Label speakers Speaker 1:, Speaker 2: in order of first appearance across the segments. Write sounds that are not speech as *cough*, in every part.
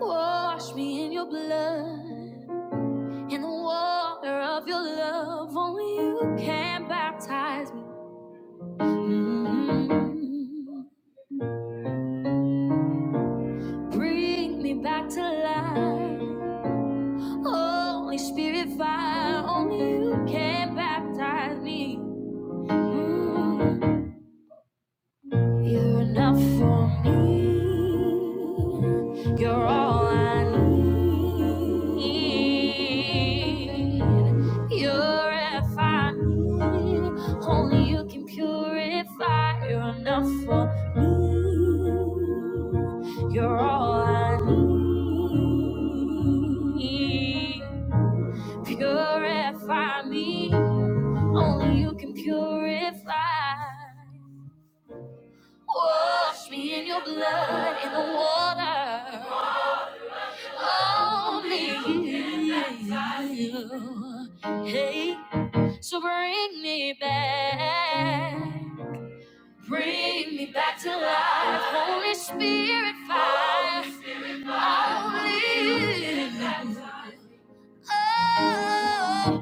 Speaker 1: Wash me in your blood, in the water of your love. Only you can baptize me. Mm. Bring me back to life. Holy Spirit fire, only you can baptize me. Mm-hmm. You're enough for me. You're all I need. You're if I need. Only you can purify. You're enough for me. You're all I need. Purify me. Only you can purify. Wash me in your blood in the water. Only you. Hey, so bring me back. Bring me back to life. Holy Spirit fire. Only you. Oh.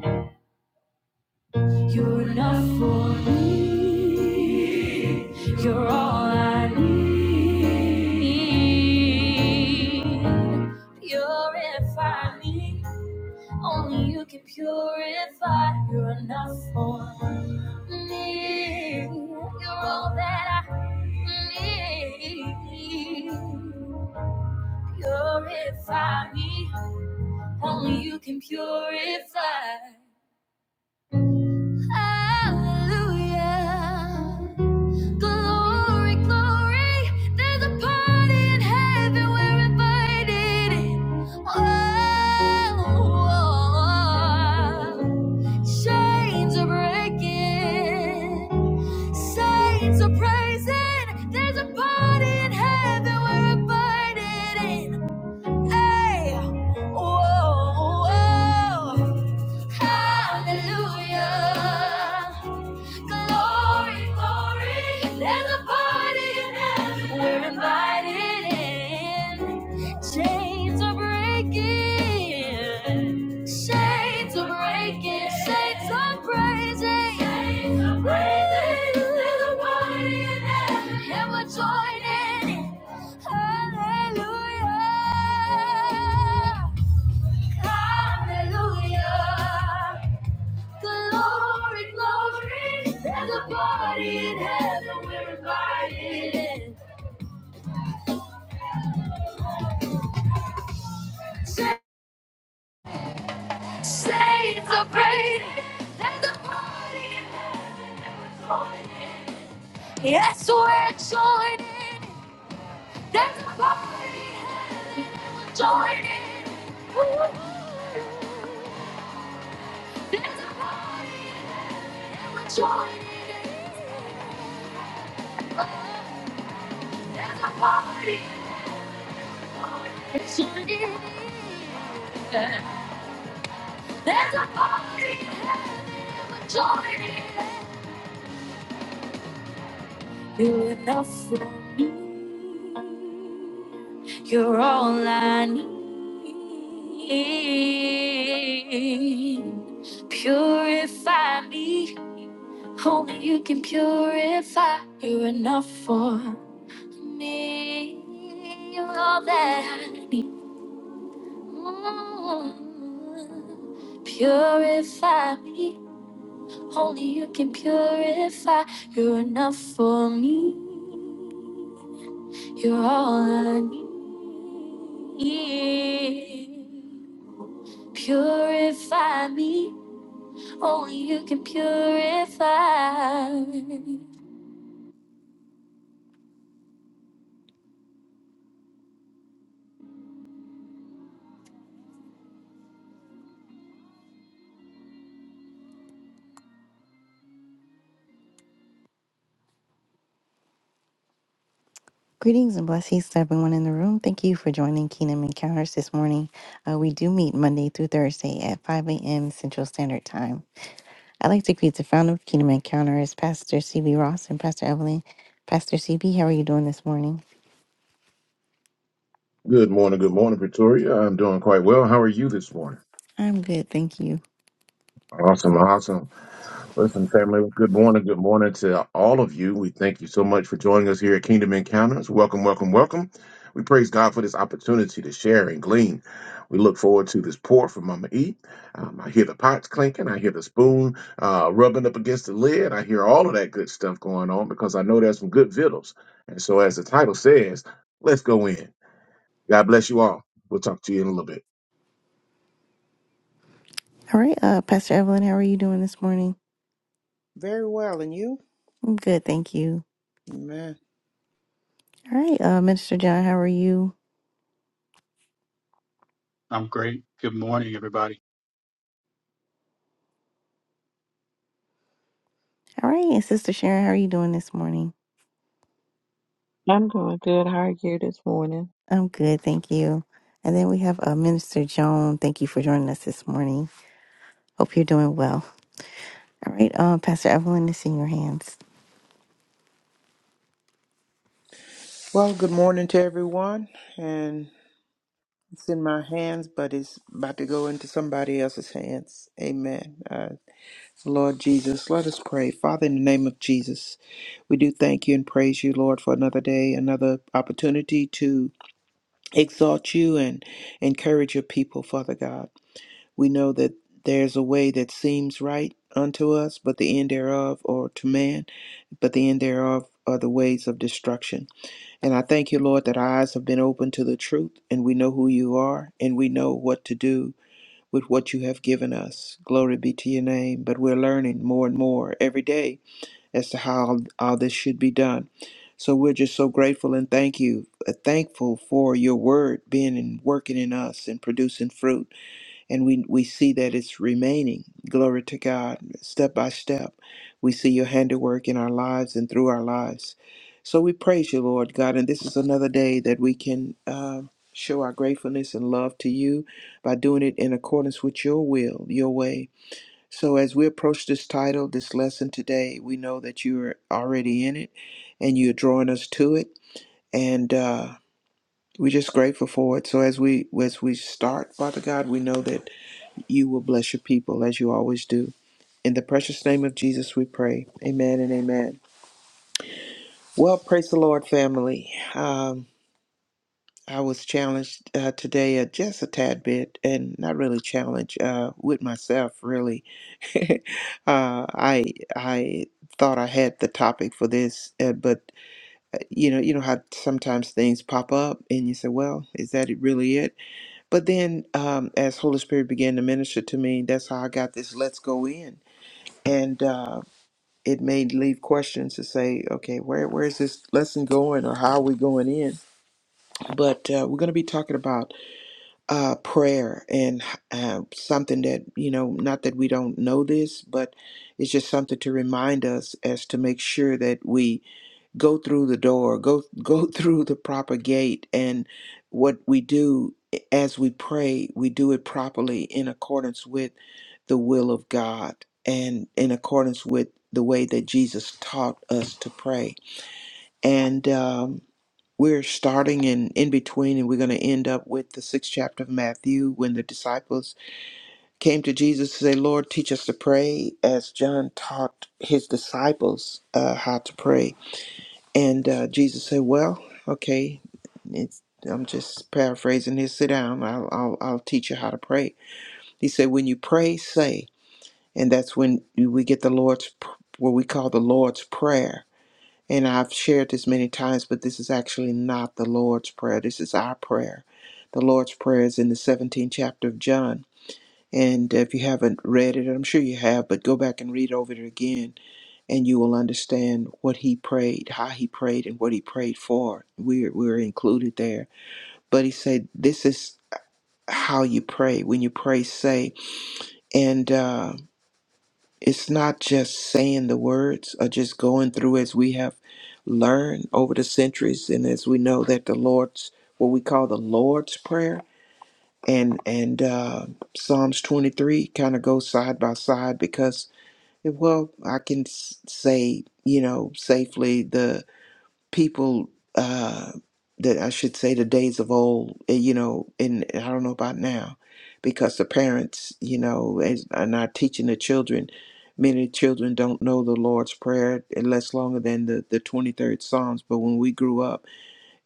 Speaker 1: You're enough for me. You're all I need. Purify me. Only you can purify. You're enough for me. You're all that I need. Purify me. Only you can purify. Hallelujah. Glory, glory. There's a party in heaven. We're invited in. Whoa. Chains are breaking. Saints are praising. There's a party in heaven. We're invited in. Hey. Whoa. Hallelujah. Glory, glory, there's a party in heaven. We're invited in. Chains are breaking. Shades are breaking. Shades are praising. Shades are praising. There's a party in heaven. And we're joining. Hallelujah. Hallelujah. Glory, glory, there's a party in heaven we're invited in. Say, say it's a great, there's a party in heaven joining. Yes, we're joining. There's a party in heaven joining. Ooh, there's a party and we're joining. There's a party and we joining. There's a party You're enough for me. You're all I need. Purify me. Only you can purify. You're enough for me. You're all that I need. Mm. Purify me. Only you can purify. You're enough for me. You're all I need. Purify me. Only you can purify. Greetings and blessings to everyone in the room. Thank you for joining Kingdom Encounters this morning. Uh, we do meet Monday through Thursday at 5 a.m. Central Standard Time. I'd like to greet the founder of Kingdom Encounters, Pastor CB Ross and Pastor Evelyn. Pastor CB, how are you doing this morning?
Speaker 2: Good morning, good morning, Pretoria. I'm doing quite well. How are you this morning?
Speaker 1: I'm good, thank you.
Speaker 2: Awesome, awesome. Listen, family, good morning, good morning to all of you. We thank you so much for joining us here at Kingdom Encounters. Welcome, welcome, welcome. We praise God for this opportunity to share and glean. We look forward to this pour from Mama E. Um, I hear the pots clinking. I hear the spoon uh, rubbing up against the lid. I hear all of that good stuff going on because I know there's some good victuals. And so, as the title says, let's go in. God bless you all. We'll talk to you in a little bit.
Speaker 1: All right, uh, Pastor Evelyn, how are you doing this morning?
Speaker 3: Very well, and you?
Speaker 1: I'm good, thank you.
Speaker 3: Amen.
Speaker 1: All right, uh, Minister John, how are you?
Speaker 4: I'm great. Good morning, everybody.
Speaker 1: All right, and Sister Sharon, how are you doing this morning?
Speaker 5: I'm doing good. How are you this morning?
Speaker 1: I'm good, thank you. And then we have uh, Minister Joan. Thank you for joining us this morning. Hope you're doing well. All right, uh, Pastor Evelyn, it's in your hands.
Speaker 3: Well, good morning to everyone. And it's in my hands, but it's about to go into somebody else's hands. Amen. Uh, Lord Jesus, let us pray. Father, in the name of Jesus, we do thank you and praise you, Lord, for another day, another opportunity to exalt you and encourage your people, Father God. We know that there's a way that seems right unto us, but the end thereof, or to man, but the end thereof are the ways of destruction. And I thank you, Lord, that our eyes have been opened to the truth and we know who you are and we know what to do with what you have given us. Glory be to your name. But we're learning more and more every day as to how all this should be done. So we're just so grateful and thank you, uh, thankful for your word being and working in us and producing fruit and we we see that it's remaining glory to god step by step we see your handiwork in our lives and through our lives so we praise you lord god and this is another day that we can uh, show our gratefulness and love to you by doing it in accordance with your will your way so as we approach this title this lesson today we know that you're already in it and you're drawing us to it and uh, we're just grateful for it so as we as we start father god we know that you will bless your people as you always do. In the precious name of Jesus, we pray. Amen and amen. Well, praise the Lord, family. Um, I was challenged uh, today uh, just a tad bit, and not really challenged uh, with myself, really. *laughs* uh, I I thought I had the topic for this, uh, but uh, you know, you know how sometimes things pop up, and you say, "Well, is that it really it?" But then, um, as Holy Spirit began to minister to me, that's how I got this. Let's go in and. Uh, it may leave questions to say, okay, where where is this lesson going, or how are we going in? But uh, we're going to be talking about uh, prayer and uh, something that you know, not that we don't know this, but it's just something to remind us as to make sure that we go through the door go go *laughs* through the proper gate and what we do as we pray we do it properly in accordance with the will of God and in accordance with the way that Jesus taught us to pray and um we're starting in in between and we're going to end up with the sixth chapter of matthew when the disciples came to jesus to say lord teach us to pray as john taught his disciples uh, how to pray and uh, Jesus said, "Well, okay, it's, I'm just paraphrasing here. Sit down. I'll, I'll I'll teach you how to pray." He said, "When you pray, say," and that's when we get the Lord's p- what we call the Lord's prayer. And I've shared this many times, but this is actually not the Lord's prayer. This is our prayer. The Lord's prayer is in the 17th chapter of John. And if you haven't read it, I'm sure you have, but go back and read over it again and you will understand what he prayed, how he prayed, and what he prayed for. We're, we're included there. But he said, This is how you pray. When you pray, say, and uh, it's not just saying the words or just going through as we have learned over the centuries, and as we know that the Lord's, what we call the Lord's Prayer, and and uh, Psalms 23 kind of go side by side because well I can s- say you know safely the. people uh, that I should say the days of old, eh, you know, and I don't know about now, because the parents, you know, is- are not teaching the children. Many children don't know the Lord's Prayer less longer than the, the 23rd Psalms. But when we grew up,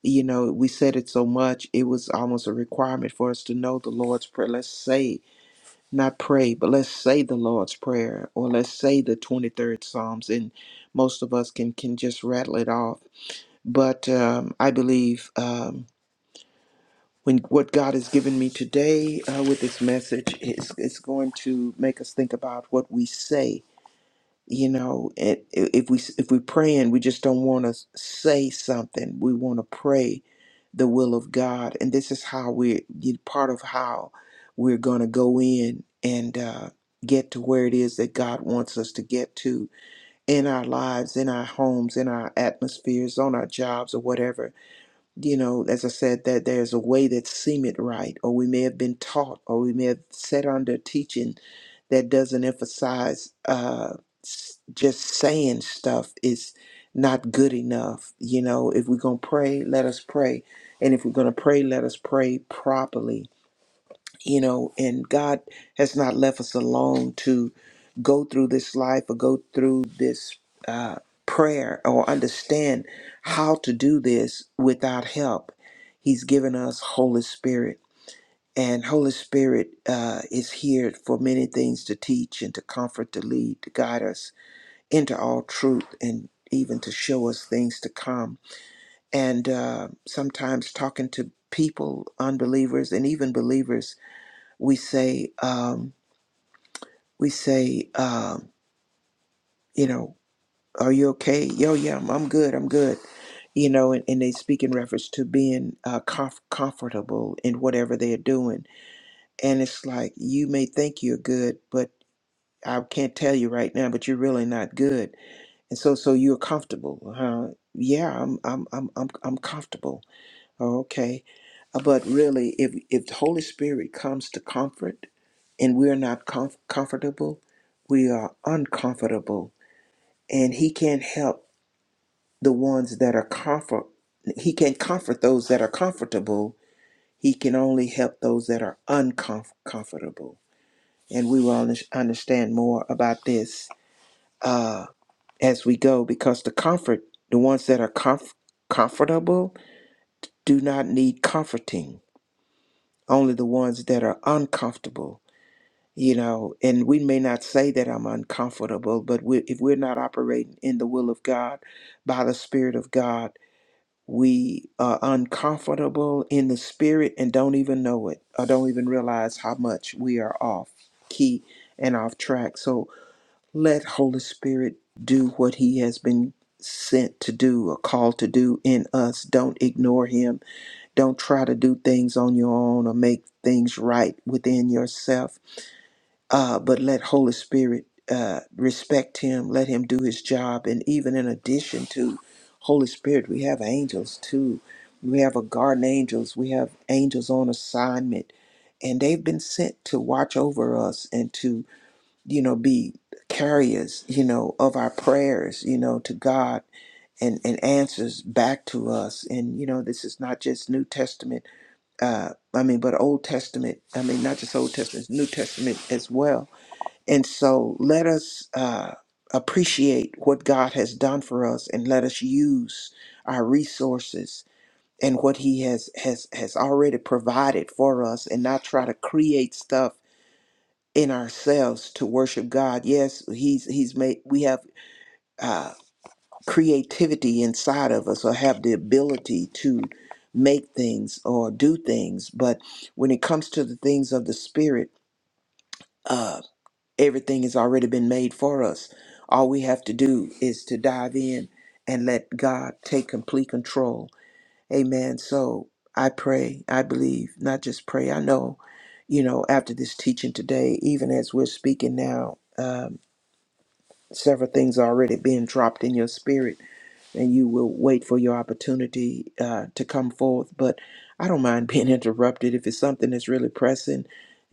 Speaker 3: you know, we said it so much, it was almost a requirement for us to know the Lord's Prayer. Let's say, not pray, but let's say the Lord's Prayer or let's say the 23rd Psalms. And most of us can, can just rattle it off but um, I believe um, when what God has given me today uh, with this message is it's going to make us think about what we say. You know, and i- if we if we pray and we just don't want to say something, we want to pray the will of God, and this is how we're you- part of how we're going to go in and uh, get to where it is that God wants us to get to in our lives, in our homes, in our atmospheres, on our jobs, or whatever you know, as I said, that there's a way that seemeth right, or we may have been taught, or we may have sat under teaching that doesn't emphasize uh, s- just saying stuff is not good enough. You know, if we're going to pray, let us pray. And if we're going to pray, let us pray properly you know, and God has not left us alone to go through this life or go through this uh, prayer or understand how to do this without help. He's given us Holy Spirit, and Holy Spirit uh, is here for many things to teach and to comfort, to lead, to guide us into all truth, and even to show us things to come. And uh, sometimes talking to people, unbelievers, and even believers we say um, we say um, you know are you okay yo yeah i'm, I'm good i'm good you know and, and they speak in reference to being uh, comf- comfortable in whatever they're doing and it's like you may think you're good but i can't tell you right now but you're really not good and so so you're comfortable huh yeah i'm i'm i'm i'm, I'm comfortable Okay. Uh, But really, if, if the Holy Spirit comes to comfort and we're not comf- comfortable, we are uncomfortable. And He can't help the ones that are comfort. He can not comfort those that are comfortable. He can only help those that are uncomfortable. And we will under- understand more about this uh, as we go because the comfort, the ones that are comf- comfortable, do not need comforting only the ones that are uncomfortable you know and we may not say that i'm uncomfortable but we, if we're not operating in the will of god by the spirit of god we are uncomfortable in the spirit and don't even know it or don't even realize how much we are off key and off track so let holy spirit do what he has been sent to do or called to do in us don't ignore him don't try to do things on your own or make things right within yourself, uh, but let Holy Spirit uh, respect Him, let Him do His job. And even in addition to Holy Spirit, we have angels too. We have a garden angels, we have angels on assignment, and they've been sent to watch over us and to, you know, be carriers, you know, of our prayers, you know, to God and, and answers back to us. And, you know, this is not just New Testament uh, I mean, but Old Testament, I mean, not just Old Testament, New Testament as well. And so let us uh, appreciate what God has done for us and let us use our resources and what he has has has already provided for us and not try to create stuff in ourselves to worship God. Yes, he's he's made we have uh, creativity inside of us or have the ability to make things or do things. But when it comes to the things of the spirit, uh, everything has already been made for us. All we have to do is to dive in and let God take complete control. Amen. So I pray, I believe, not just pray, I know, you know, after this teaching today, even as we're speaking now, um, several things are already being dropped in your spirit and you will wait for your opportunity uh, to come forth. But I don't mind *laughs* being interrupted if it's something that's really pressing.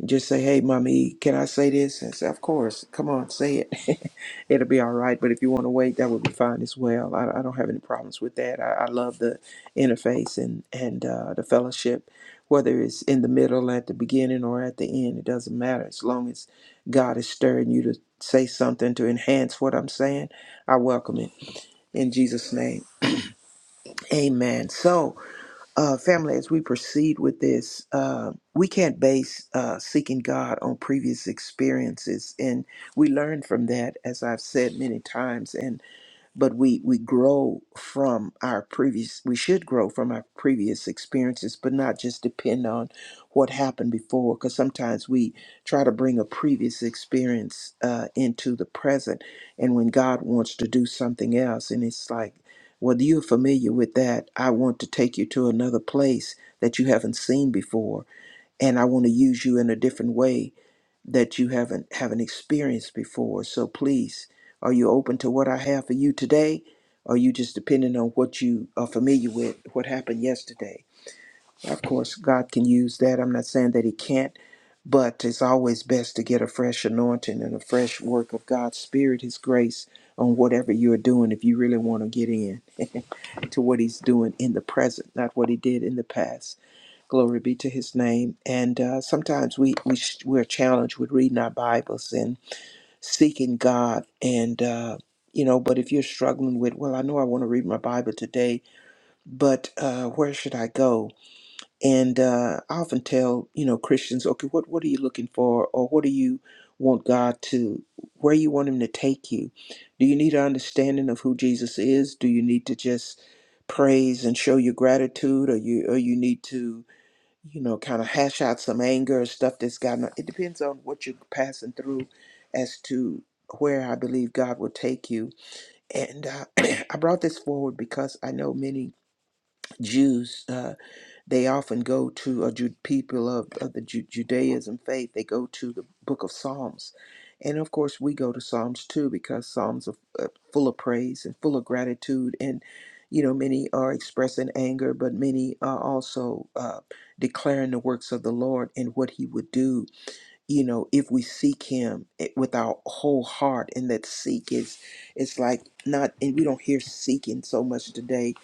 Speaker 3: Just say, "Hey, mommy, can I say this?" And say, "Of course, come on, say it. *laughs* It'll be all right." But if you want to wait, that would be fine as well. I, I don't have any problems with that. I, I love the interface and and uh, the fellowship, whether it's in the middle, at the beginning, or at the end. It doesn't matter as long as God is stirring you to say something to enhance what I'm saying. I welcome it in Jesus' name. Amen. So, uh, family, as we proceed with this, uh, we can't base uh, seeking God on previous experiences. And we learn from that, as I've said many times but we we grow from our previous we should grow from our previous experiences but not just depend on what happened before because sometimes we try to bring a previous experience uh, into the present and when god wants to do something else and it's like well you're familiar with that i want to take you to another place that you haven't seen before and i want to use you in a different way that you haven't haven't experienced before. So please, are you open to what I have for you today? Or are you just depending on what you are familiar with, what happened yesterday? Of course, God can use that. I'm not saying that He can't, but it's always best to get a fresh anointing and a fresh work of God's Spirit, His grace on whatever you're doing if you really want to get in *laughs* to what He's doing in the present, not what He did in the past. Glory be to his name. And uh, sometimes we, we sh- we're challenged with reading our Bibles and seeking God. And, uh, you know, but if you're struggling with, well, I know I want to read my Bible today, but uh, where should I go? And uh, I often tell, you know, Christians, okay, what, what are you looking for? Or what do you want God to, where you want him to take you? Do you need an understanding of who Jesus is? Do you need to just praise and show your gratitude? Or you, or you need to, you know, kind of hash out some anger and stuff that's gotten. It depends on what you're passing through as to where I believe God will take you. And uh, *clears throat* I brought this forward because I know many Jews. Uh, they often go to a Ju- people of, of the Ju- Judaism faith. They go to the Book of Psalms, and of course we go to Psalms too because Psalms are uh, full of praise and full of gratitude. And you know, many are expressing anger, but many are also uh, declaring the works of the Lord and what He would do. You know, if we seek Him eh, with our whole heart, and that seek is, it's like not, and we don't hear seeking so much today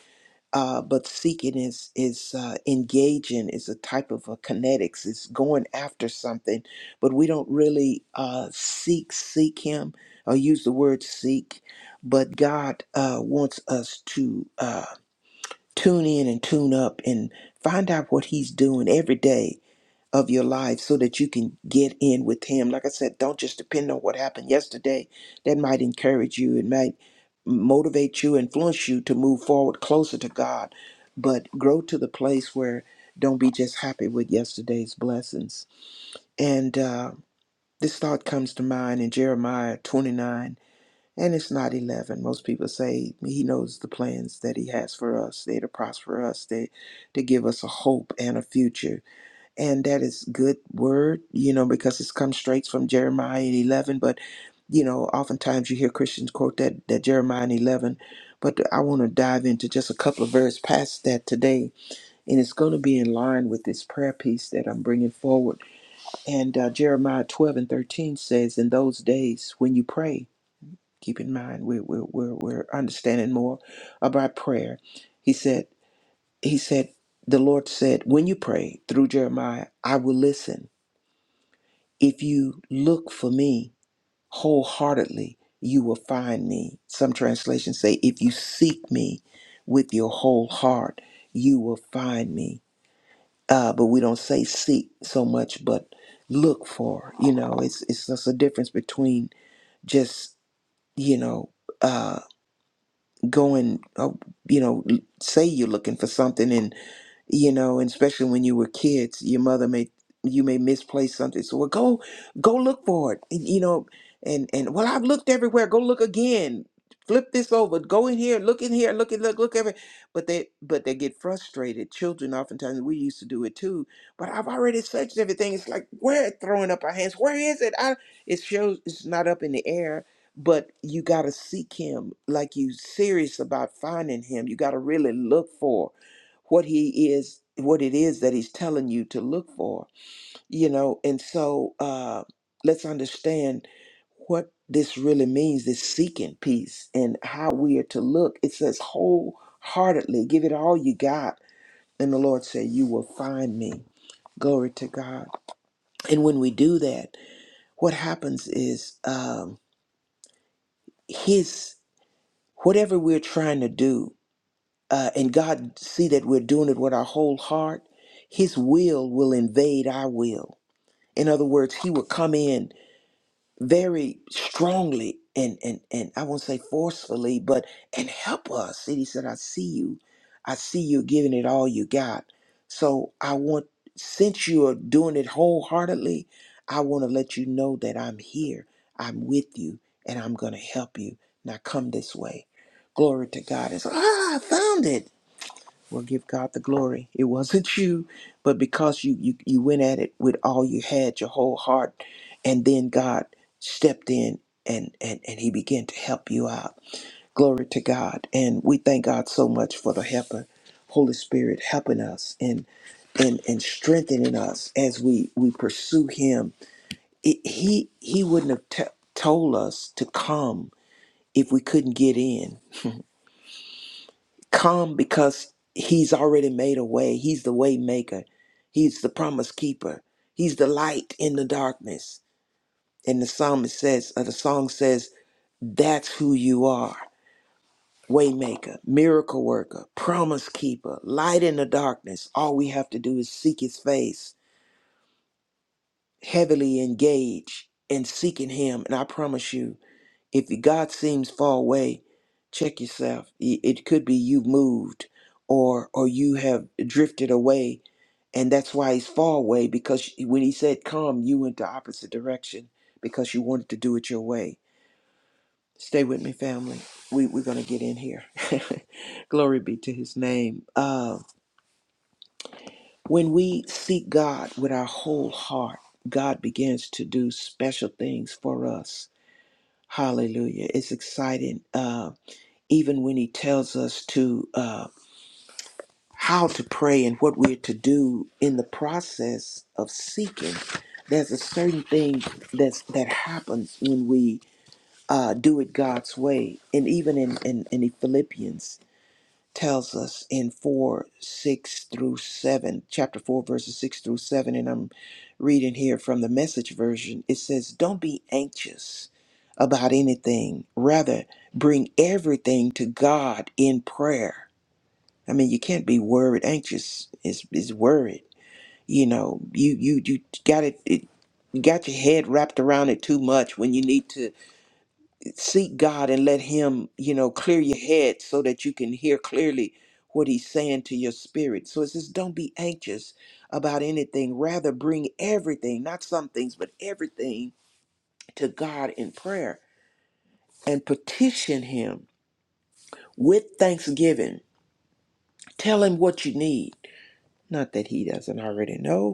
Speaker 3: uh, but seeking is is uh, engaging is a type of a kinetics it's going after something but we don't really uh, seek seek him or use the word seek but god uh, wants us to uh, tune in and tune up and find out what he's doing every day of your life so that you can get in with him like i said don't just depend on what happened yesterday that might encourage you it might motivate you influence you to move forward closer to god but grow to the place where don't be just happy with yesterday's blessings and uh, this thought comes to mind in jeremiah 29 and it's not 11 most people say he knows the plans that he has for us they're to prosper us they to give us a hope and a future and that is good word you know because it's come straight from jeremiah and 11 but you know oftentimes you hear christians quote that that jeremiah and 11 but i want to dive into just a couple of verses past that today and it's going to be in line with this prayer piece that i'm bringing forward and uh, jeremiah 12 and 13 says in those days when you pray keep in mind we're, we're, we're, we're understanding more about prayer he said he said the lord said when you pray through jeremiah i will listen If you look for me wholeheartedly, you will find me. Some translations say, if you seek me with your whole heart, you will find me. Uh, but we don't say seek so much, but look for. You know, it's it's just a difference between just you know uh, going, uh, you know, say you're looking for something and you know, and especially when you were kids, your mother may you may misplace something. So well, go go look for it, and, you know, and and well, I've looked everywhere. Go look again. Flip this over. Go in here. Look in here. Look at look look every. But they but they get frustrated. Children oftentimes we used to do it too. But I've already searched everything. It's like we're throwing up our hands. Where is it? I, it shows it's not up in the air. But you gotta seek him like you serious about finding him. You gotta really look for what he is what it is that he's telling you to look for you know and so uh let's understand what this really means this seeking piece and how we are to look it says wholeheartedly give it all you got and the lord said you will find me glory to god and when we do that what happens is um his whatever we're trying to do uh, and God see that we're doing it with our whole heart, His will will invade our will. In other words, He will come in very strongly and and and I won't say forcefully, but and help us. And He said, "I see you, I see you giving it all you got." So I want, since you are doing it wholeheartedly, I want to let you know that I'm here, I'm with you, and I'm going to help you. Now come this way. Glory to God. It's ah, I found it. Well, give God the glory. It wasn't *laughs* you, but because you you you went at it with all you had, your whole heart, and then God stepped in and and and He began to help you out. Glory to God, and we thank God so much for the helper, Holy Spirit, helping us and and and strengthening us as we we pursue Him. It, he He wouldn't have t- told us to come if we couldn't get in. *laughs* Come because he's already made a way. He's the way maker. He's the promise keeper. He's the light in the darkness. And the psalmist says, or the song says, that's who you are. Waymaker, miracle worker, promise keeper, light in the darkness. All we have to do is seek his face, heavily engage in seeking him. And I promise you, if God seems far away, check yourself. It it could be you've moved or or you have drifted away And that's why he's far away because she- when he said come, you went the opposite direction because you wanted to do it your way. Stay with me, family. We, we're going to get in here. *laughs* Glory be to his name. Uh, when we seek God with our whole heart, God begins to do special things for us. Hallelujah. It's exciting. Uh, even when he tells us to. Uh, how to pray and what we're to do in the process of seeking. There's a certain thing that's that happens when we uh, do it God's way, and even in in, in Philippians tells us in four six through seven, chapter four verses six through seven, and I'm reading here from the Message version. It says, "Don't be anxious." About anything, rather bring everything to God in prayer I mean, you can't be worried, anxious is is worried. You know, you you you got it, it you got your head wrapped around it too much when you need to seek God and let him, you know, clear your head so that you can hear clearly what he's saying to your spirit. So it says don't be anxious about anything, rather bring everything, not some things, but everything to God in prayer and petition him with thanksgiving. Tell him what you need. Not that he doesn't already know,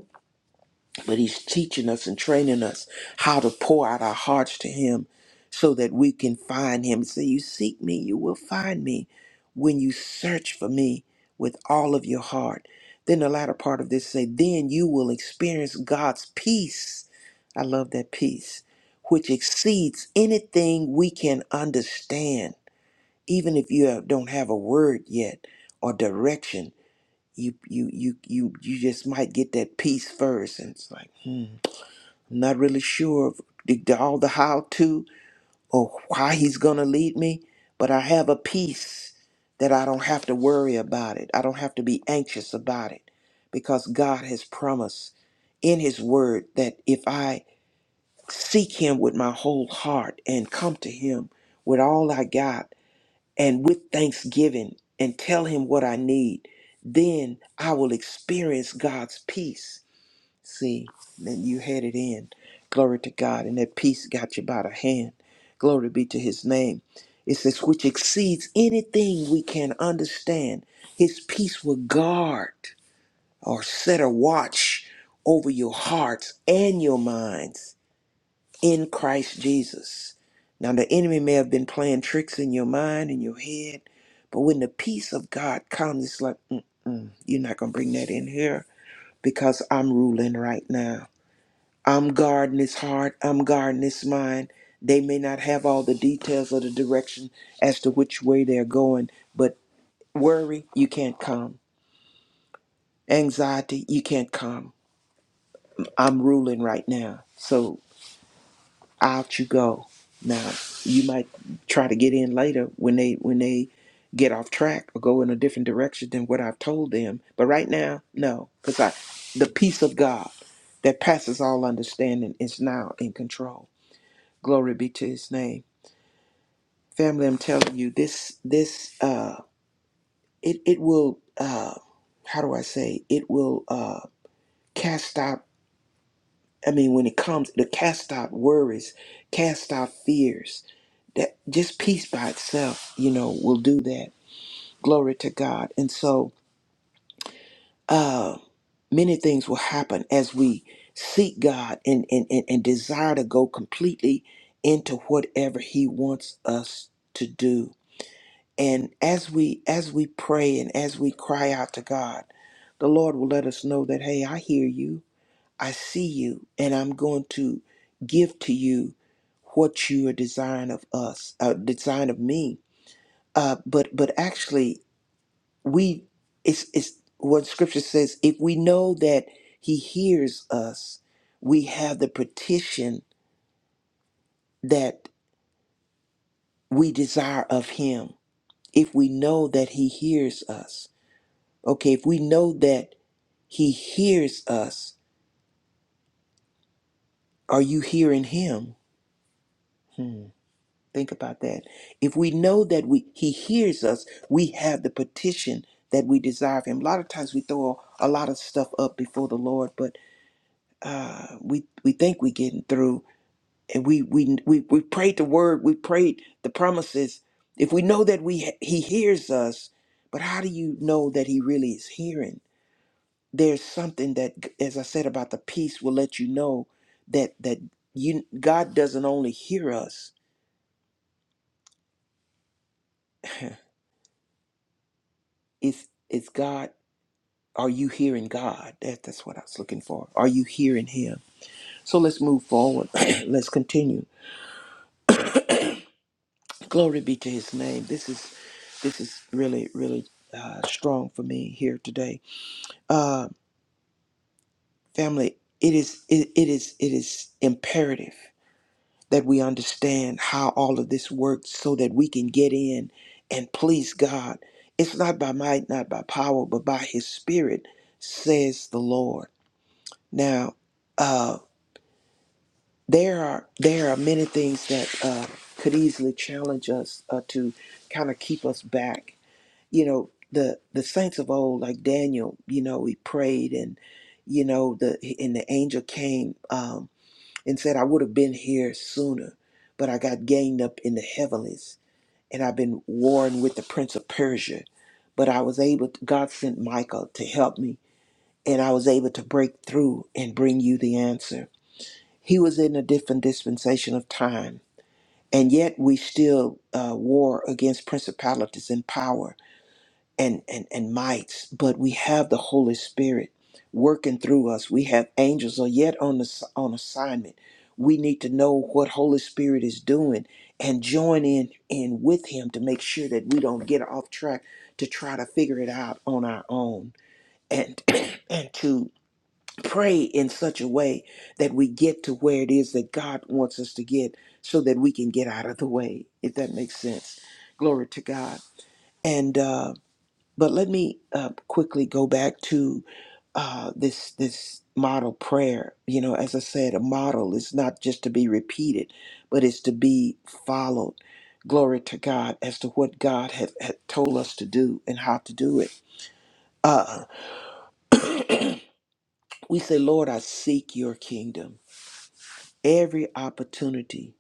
Speaker 3: but he's teaching us and training us how to pour out our hearts to him so that we can find him so you seek me you will find me when you search for me with all of your heart then the latter part of this say then you will experience god's peace i love that peace which exceeds anything we can understand even if you have- don't have a word yet or direction you you you you you just might get that peace first and it's like hmm not really sure of the, the- all the how to or why he's going to lead me, but I have a peace that I don't have to worry about it. I don't have to be anxious about it because God has promised in his word that if I seek him with my whole heart and come to him with all I got and with thanksgiving and tell him what I need, then I will experience God's peace See, then you had it in. Glory to God. And that peace got you by the hand. Glory be to his name. It says, which exceeds anything we can understand. His peace will guard or set a watch over your hearts and your minds in Christ Jesus. Now, the enemy may have been playing tricks in your mind and your head, but when the peace of God comes, it's like, Mm-mm, you're not going to bring that in here because I'm ruling right now. I'm guarding his heart. I'm guarding his mind. They may not have all the details of the direction as to which way they're going, but worry, you can't come. Anxiety, you can't come. I'm ruling right now. So out you go. Now you might try to get in later when they when they get off track or go in a different direction than what I've told them. But right now, no, because I the peace of God that passes all understanding is now in control. Glory be to his name. family i'm telling you this this uh it it will uh how do i say it will uh cast out i mean when it comes to cast out worries cast out fears that just peace by itself you know will do that glory to god and so uh many things will happen as we seek god and and and, and desire to go completely into whatever he wants us to do And as we as we pray and as we cry out to God, the Lord will let us know that hey, I hear you, I see you, and I'm going to give to you what you are desiring of us, uh, design of me. Uh, but but actually, we it's it's what Scripture says. If we know that He hears us, we have the petition that we desire of Him. If we know that He hears us, okay. If we know that He hears us. Are you hearing him? Hmm. Think about that. If we know that we he hears us, we have the petition that we desire of him. A lot of times we throw a lot of stuff up before the Lord, but uh, we we think we're getting through, and we we we we prayed the word, we prayed the promises. If we know that we he hears us, but how do you know that he really is hearing? there's something that as i said about the peace will let you know that that you god doesn't only hear us *laughs* it's it's god are you hearing god that, that's what i was looking for are you hearing him so let's move forward *clears throat* let's continue glory be to his name this is this is really really uh, strong for me here today uh family it is it, it is it is imperative that we understand how all of this works so that we can get in and please God. It's not by might, not by power, but by his spirit, says the Lord. Now, uh, there are there are many things that uh, could easily challenge us uh, to kind of keep us back. You know, the the saints of old, like Daniel, you know, he prayed and you know the and the angel came. Um, and said, I would have been here sooner, but I got gained up in the heavens, and I've been warring with the prince of Persia. But I was able, to, God sent Michael to help me, and I was able to break through and bring you the answer. He was in a different dispensation of time, and yet we still uh, war against principalities and power." and, and, and mites, but we have the Holy Spirit working through us. We have angels are yet on the, on assignment. We need to know what Holy Spirit is doing and join in in with Him to make sure that we don't get off track to try to figure it out on our own and *clears throat* and to pray in such a way that we get to where it is that God wants us to get so that we can get out of the way if that makes sense glory to God and uh but let me uh, quickly go back to uh, this this model prayer. You know, as I said, a model is not just to be repeated, but it's to be followed. Glory to God as to what God had, had told us to do and how to do it. Uh, we say, Lord, I seek your kingdom. Every opportunity,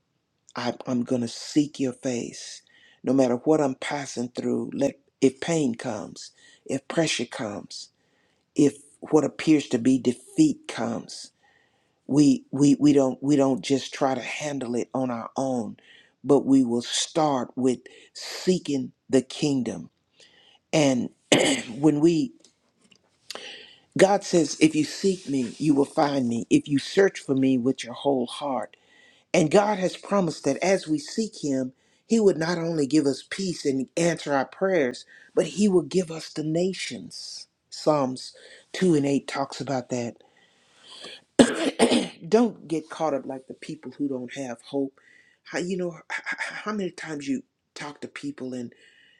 Speaker 3: I, I'm going to seek your face. No matter what I'm passing through, let if pain comes, if pressure comes, if what appears to be defeat comes we we we don't we don't just try to handle it on our own but we will start with seeking the kingdom and *clears throat* when we god says if you seek me you will find me if you search for me with your whole heart and god has promised that as we seek him he would not only give us peace and answer our prayers but he will give us the nations psalms 2 and 8 talks about that Don't get caught up like the people who don't have hope. How you know h- h- how many times you talk to people and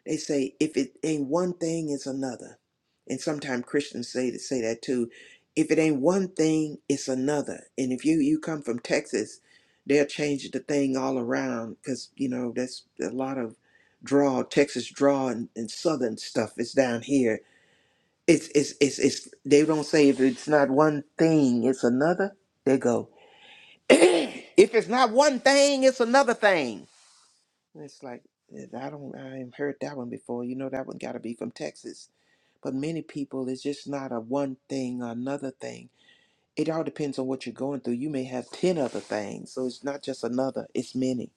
Speaker 3: they say if it ain't one thing, it's another. And sometimes Christians say to say that too. If it ain't one thing, it's another. And if you you come from Texas, they'll change the thing all around because you know that's a lot of draw Texas draw and, and Southern stuff is down here. It's it's it's it's they don't say if it's not one thing, it's another. They go. *clears throat* if it's not one thing, it's another thing. And it's like eh, I don't I ain't heard that one before. You know that one got to be from Texas. But many people, it's just not a one thing or another thing. It all depends on what you're going through. You may have ten other things, so it's not just another. It's many.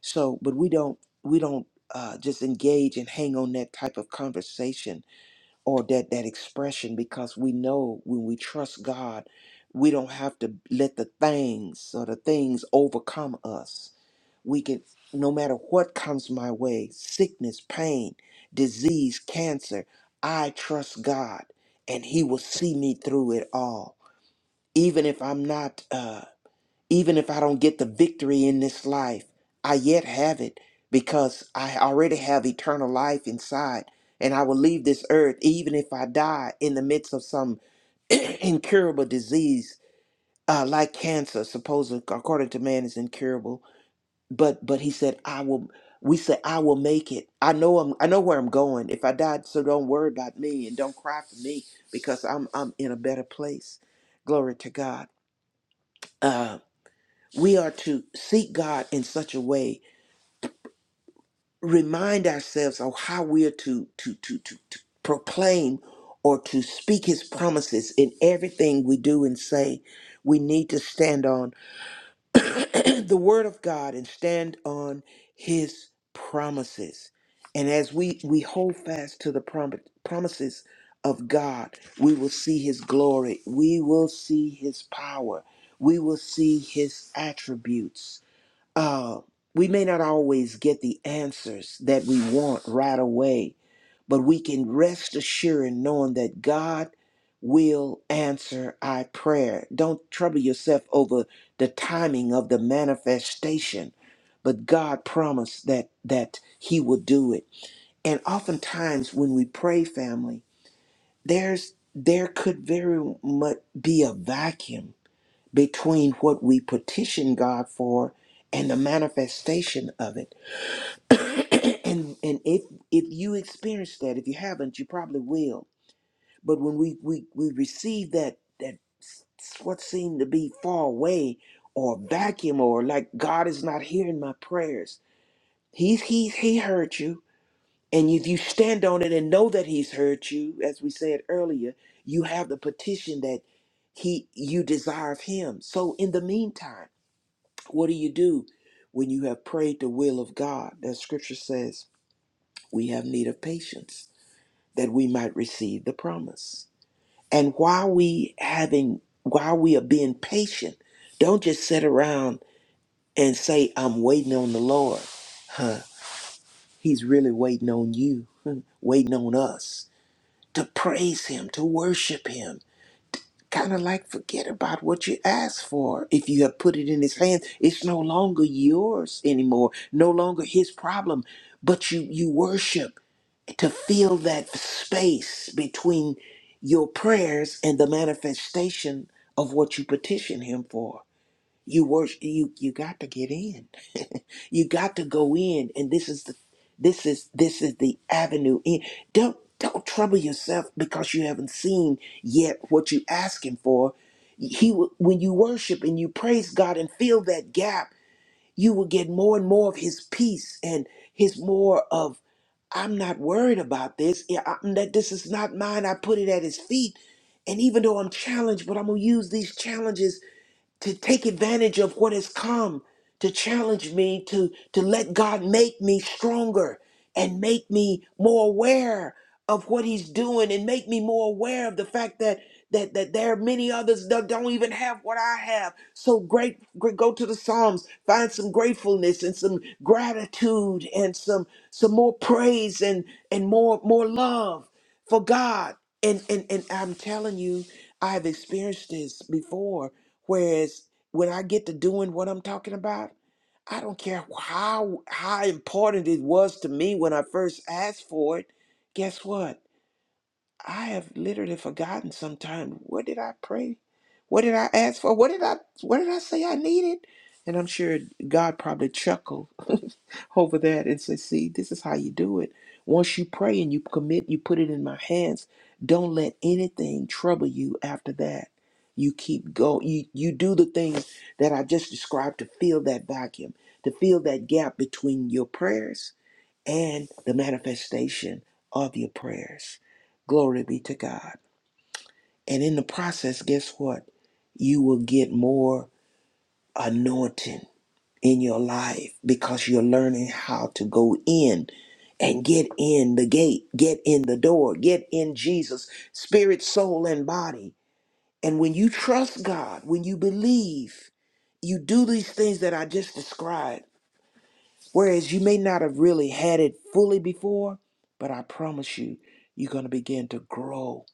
Speaker 3: So, but we don't we don't uh, just engage and hang on that type of conversation or that that expression because we know when we trust God, we don't have to let the things or the things overcome us. We can no matter what comes my way, sickness, pain, disease, cancer, I trust God and he will see me through it all. Even if I'm not uh even if I don't get the victory in this life, I yet have it because I already have eternal life inside. And I will leave this earth even if I die in the midst of some *clears throat* incurable disease, uh, like cancer, supposedly according to man is incurable. But but he said, I will we said, I will make it. I know I'm I know where I'm going. If I died, so don't worry about me and don't cry for me because I'm I'm in a better place. Glory to God. Uh, we are to seek God in such a way, remind ourselves of how we are to to to to, to proclaim or to speak his promises in everything we do and say. We need to stand on *clears throat* the word of God and stand on his promises. And as we we hold fast to the prom- promises of God, we will see his glory, we will see his power, we will see his attributes uh, we may not always get the answers that we want right away, but we can rest assured knowing that God will answer our prayer. Don't trouble yourself over the timing of the manifestation, but God promised that that He will do it. And oftentimes, when we pray, family, there's there could very much be a vacuum between what we petition God for and the manifestation of it. *coughs* *clears throat* and and if if you experience that, if you haven't, you probably will. But when we we we receive that that s- what seemed to be far away or vacuum or like God is not hearing my prayers. He's he's he heard you. And if you stand on it and know that he's heard you, as we said earlier, you have the petition that he you desire of him. So in the meantime what do you do when you have prayed the will of God? That scripture says we have need of patience that we might receive the promise. And while we having while we are being patient, don't just sit around and say, I'm waiting on the Lord. Huh. He's really waiting on you, *laughs* waiting on us to praise him, to worship him kind of like forget about what you asked for. If you have put it in his hands, it's no longer yours anymore, no longer his problem. But you you worship to fill that space between your prayers and the manifestation of what you petition him for. You worship you you got to get in. *laughs* you got to go in and this is the this is this is the avenue in. Don't don't trouble yourself because you haven't seen yet what you asking for. He will- when you worship and you praise God and fill that gap, you will get more and more of his peace and his more of I'm not worried about this. Yeah, I'm that this is not mine. I put it at his feet. And even though I'm challenged, but I'm gonna use these challenges to take advantage of what has come to challenge me to to let God make me stronger and make me more aware of what he's doing and make me more aware of the fact that that, that there are many others that don't even have what I have. So great, great go to the Psalms, find some gratefulness and some gratitude and some some more praise and and more more love for God and and and I'm telling you, I've experienced this before. Whereas when I get to doing what I'm talking about, I don't care how how important it was to me when I first asked for it. Guess what? I have literally forgotten sometimes what did I pray? What did I ask for? What did I what did I say I needed? And I'm sure God probably chuckled *laughs* over that and said, see, this is how you do it. Once you pray and you commit, you put it in my hands. Don't let anything trouble you after that. You keep going. You, you do the things that I just described to fill that vacuum, to fill that gap between your prayers and the manifestation of your prayers. Glory be to God. And in the process, guess what? You will get more anointing in your life because you're learning how to go in and get in the gate, get in the door, get in Jesus, spirit, soul, and body. And when you trust God, when you believe, you do these things that I just described Whereas you may not have really had it fully before, but I promise you, you're going to begin to grow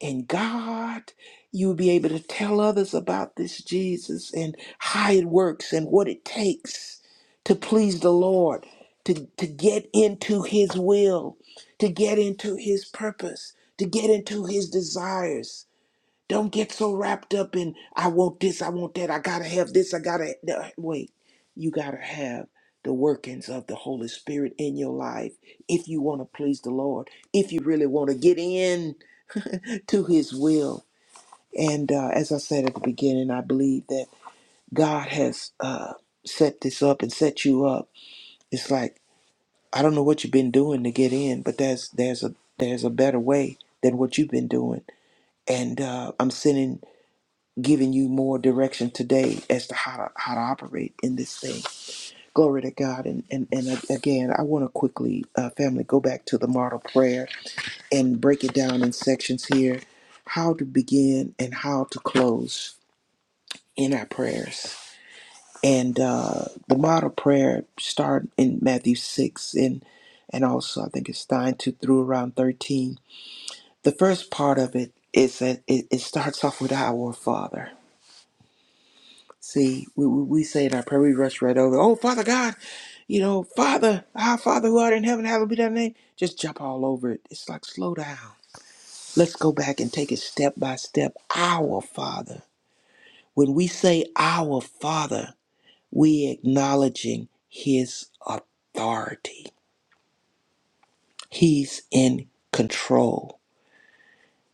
Speaker 3: in God. You'll be able to tell others about this Jesus and how it works and what it takes to please the Lord, to, to get into His will, to get into His purpose, to get into His desires. Don't get so wrapped up in, I want this, I want that, I gotta have this, I gotta. no, Wait, you gotta have the workings of the Holy Spirit in your life if you wanna please the Lord, if you really wanna get in to His will. And uh, as I said at the beginning, I believe that God has uh, set this up and set you up. It's like, I don't know what you've been doing to get in, but there's there's a there's a better way than what you've been doing. And uh, I'm sending giving you more direction today as to how to how to operate in this thing. Glory to God. And and, and a- again, I want to quickly, uh, family, go back to the model prayer and break it down in sections here, how to begin and how to close in our prayers. And uh, the model prayer start in Matthew six and and also I think it's nine to through around thirteen. The first part of it is that it, it starts off with our Father See, we, we, we say it in our prayer, we rush right over. Oh, Father God, you know, Father, our Father who art in heaven, hallowed be thy name. Just jump all over it. It's like, slow down. Let's go back and take it step by step. Our Father. When we say our Father, we acknowledging his authority. He's in control.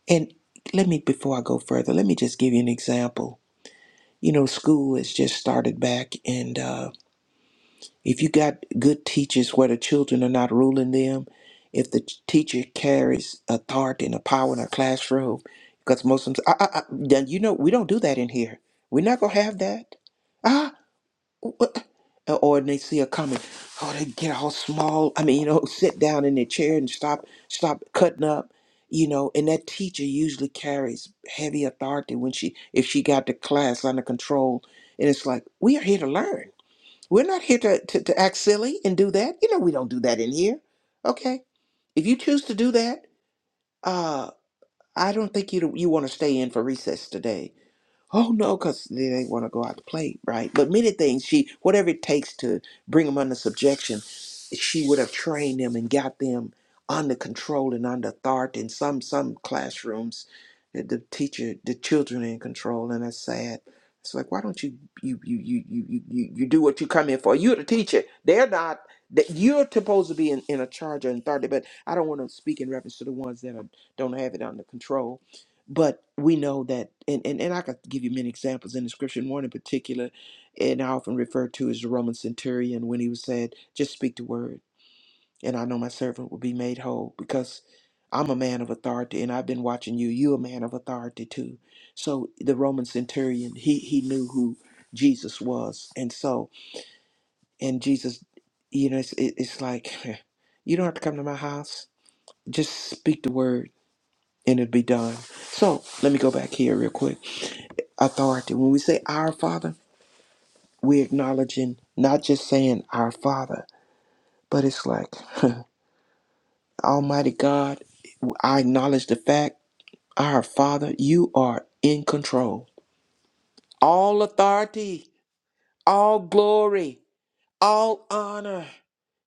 Speaker 3: And let me, before I go further, let me just give you an example. You know, school has just started back, and uh, If you got good teachers where the children are not ruling them, if the ch- teacher carries authority and a power in a classroom, because most of them, I, I, I, then you know, we don't do that in here. We're not going to have that. Ah, what? Or they see a comment, oh, they get all small. I mean, you know, *laughs* sit down in their chair and stop, stop cutting up, you know. And that teacher usually carries heavy authority when she, if she got the class under control. And it's like, we are here to learn. We're not here to, to, to act silly and do that. You know, we don't do that in here. Okay. If you choose to do that, uh, I don't think you you want to stay in for recess today oh no, because they, they want to go out to play, right? But many things she, whatever it takes to bring them under subjection, she would have trained them and got them under control and under authority. In some some classrooms, the the teacher, the children in control, and that's sad. It's like, why don't you you you you you you you you do what you come in for? You're the teacher. They're not. That you're supposed to be in, in a charge of authority, but I don't want to speak in reference to the ones that are, don't have it under control but we know that and, and and i could give you many examples in the scripture and one in particular and i often refer to as the roman centurion when he was said just speak the word and i know my servant will be made whole because i'm a man of authority and i've been watching you you are a man of authority too so the roman centurion he he knew who jesus was and so and jesus you know it's, it, it's like *laughs* you don't have to come to my house just speak the word and it'll be done so let me go back here real quick authority. When we say our Father, we're acknowledging not just saying our Father, but it's like, *laughs* Almighty God, I acknowledge the fact, our Father, you are in control. All authority, all glory, all honor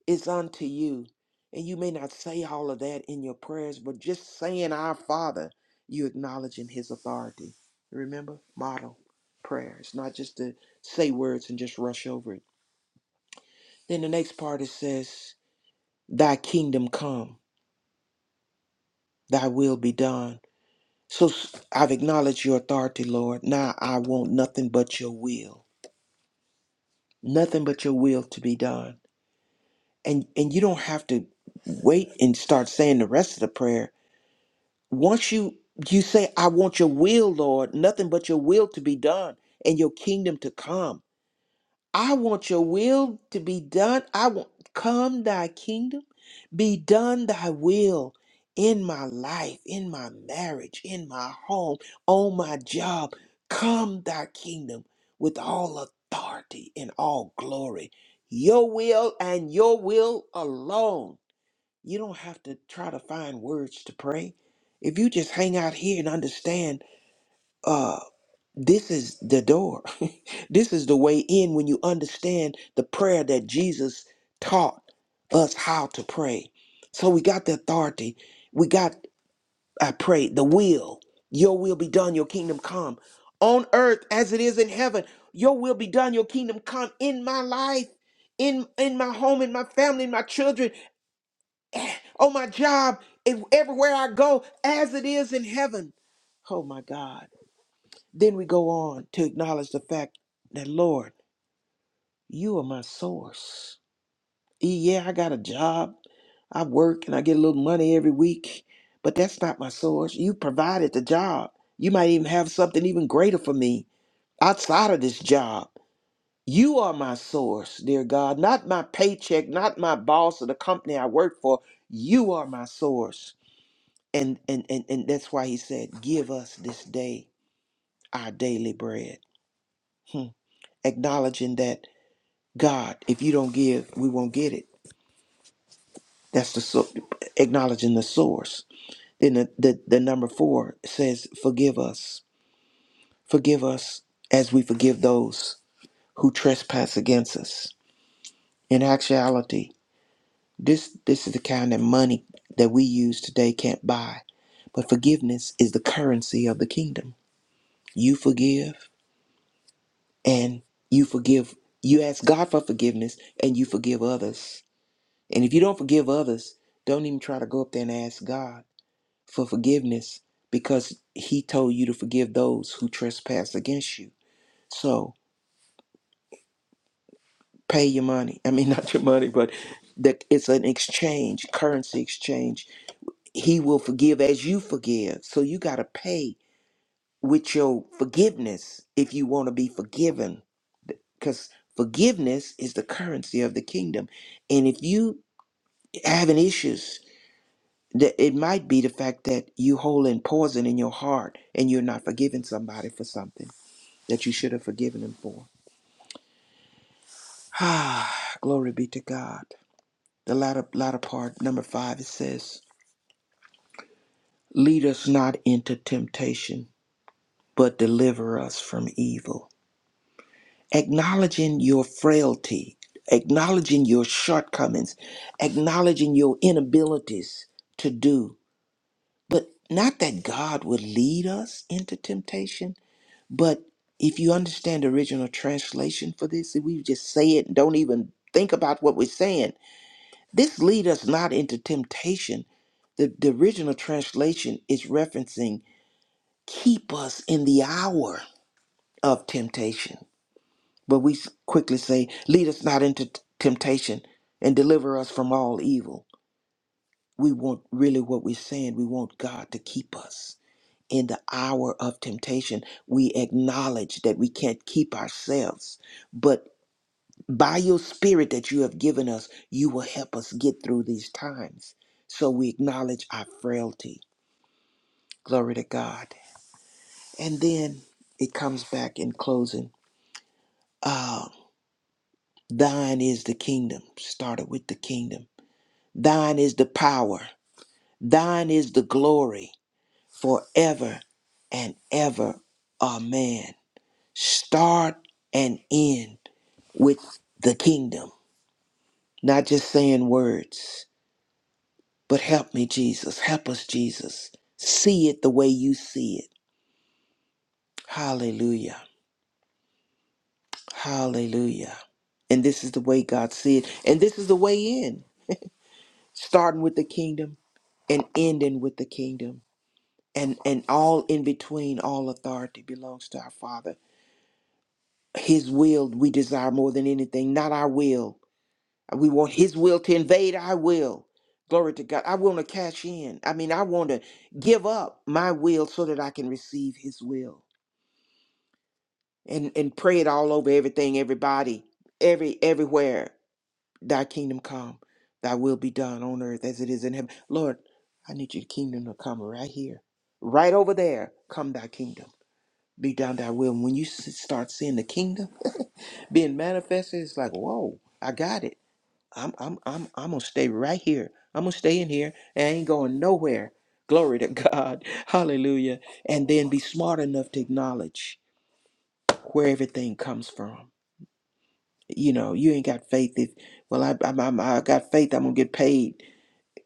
Speaker 3: is unto you. And you may not say all of that in your prayers, but just saying our Father, you acknowledging his authority. Remember, model prayer. It's not just to say words and just rush over it Then the next part it says, Thy kingdom come, thy will be done. So s- I've acknowledged your authority, Lord. Now I want nothing but your will. Nothing but your will to be done. And and you don't have to wait and start saying the rest of the prayer. Once you you say, I want your will, Lord, nothing but your will to be done and your kingdom to come. I want your will to be done. I want come thy kingdom, be done thy will in my life, in my marriage, in my home, on my job. Come thy kingdom with all authority and all glory. Your will and your will alone. You don't have to try to find words to pray. If you just hang out here and understand uh, this is the door. *laughs* this is the way in when you understand the prayer that Jesus taught us how to pray. So we got the authority. We got, I pray, the will. Your will be done, your kingdom come on earth as it is in heaven. Your will be done, your kingdom come in my life, in, in my home, in my family, in my children, eh, on my job, and everywhere I go, as it is in heaven. Oh my God. Then we go on to acknowledge the fact that, Lord, you are my source. E- Yeah, I got a job. I work and I get a little money every week, but that's not my source. You provided the job. You might even have something even greater for me outside of this job. You are my source, dear God, not my paycheck, not my boss or the company I work for. You are my source. And and and, and that's why he said, Give us this day our daily bread. Hmm. Acknowledging that. God, if you don't give, we won't get it. That's the so- acknowledging the source. Then the, the, the number four says, Forgive us. Forgive us as we forgive those who trespass against us. In actuality, this this is the kind of money that we use today can't buy. But forgiveness is the currency of the kingdom. You forgive and you forgive. You ask God for forgiveness and you forgive others. And if you don't forgive others, don't even try to go up there and ask God for forgiveness because he told you to forgive those who trespass against you. So pay your money. I mean, *laughs* not your money, but that it's an exchange, currency exchange. He will forgive as you forgive. So you got to pay with your forgiveness if you want to be forgiven because forgiveness is the currency of the kingdom. And if you having issues, that it might be the fact that you holding poison in your heart and you're not forgiving somebody for something that you should have forgiven him for. Ah, *sighs* Glory be to God. The latter, latter part, number five, it says, Lead us not into temptation, but deliver us from evil. Acknowledging your frailty, acknowledging your shortcomings, acknowledging your inabilities to do. But not that God would lead us into temptation, but if you understand the original translation for this, if we just say it and don't even think about what we're saying, This lead us not into temptation. The, the original translation is referencing keep us in the hour of temptation. But we s- quickly say, lead us not into t- temptation and deliver us from all evil. We want really what we're saying. We want God to keep us in the hour of temptation. We acknowledge that we can't keep ourselves, but by your spirit that you have given us, you will help us get through these times. So we acknowledge our frailty. Glory to God. And then it comes back in closing. Uh, Thine is the kingdom. Started with the kingdom. Thine is the power. Thine is the glory forever and ever. Amen. Start and end with the kingdom, not just saying words But help me, Jesus. Help us, Jesus. See it the way you see it. Hallelujah. Hallelujah. And this is the way God see it. And this is the way in, starting with the kingdom and ending with the kingdom. And, and all in between, all authority belongs to our Father. His will we desire more than anything, not our will. We want His will to invade our will. Glory to God. I want to cash in. I mean, I want to give up my will so that I can receive His will. and and pray it all over everything, everybody, every everywhere. Thy kingdom come, thy will be done on earth as it is in heaven. Lord, I need your kingdom to come right here, right over there. Come thy kingdom, be done thy will. And when you s- start seeing the kingdom being manifested, it's like, whoa, I got it. I'm I'm I'm I'm gonna stay right here. I'm gonna stay in here and I ain't going nowhere. Glory to God. *laughs* Hallelujah. And then be smart enough to acknowledge where everything comes from you know you ain't got faith if well I I, I, I got faith I'm gonna get paid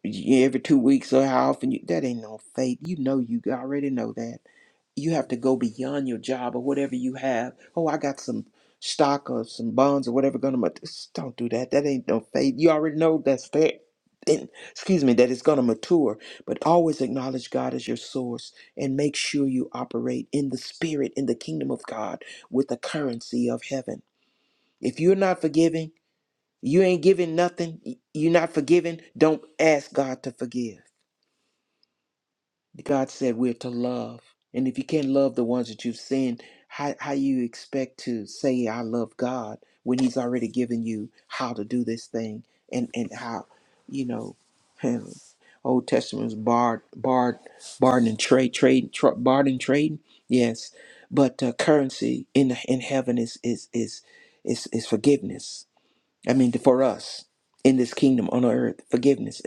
Speaker 3: y- every two weeks or how often you that ain't no faith you know you already know that you have to go beyond your job or whatever you have oh I got some stock or some bonds or whatever gonna ma- just don't do that that ain't no faith you already know that's there and, excuse me that it's gonna mature but always acknowledge God as your source and make sure you operate in the spirit in the kingdom of God with the currency of heaven if you're not forgiving you ain't giving nothing. You're not forgiving. Don't ask God to forgive. God said we're to love. And if you can't love the ones that you've sinned, how, how you expect to say, I love God when He's already given you how to do this thing and, and how, you know, *laughs* Old Testament was barred, barred, barred and trade, trade, tra- barred and trade. Yes. But uh, currency in in heaven is is is is is forgiveness I mean, for us in this kingdom on earth, forgiveness,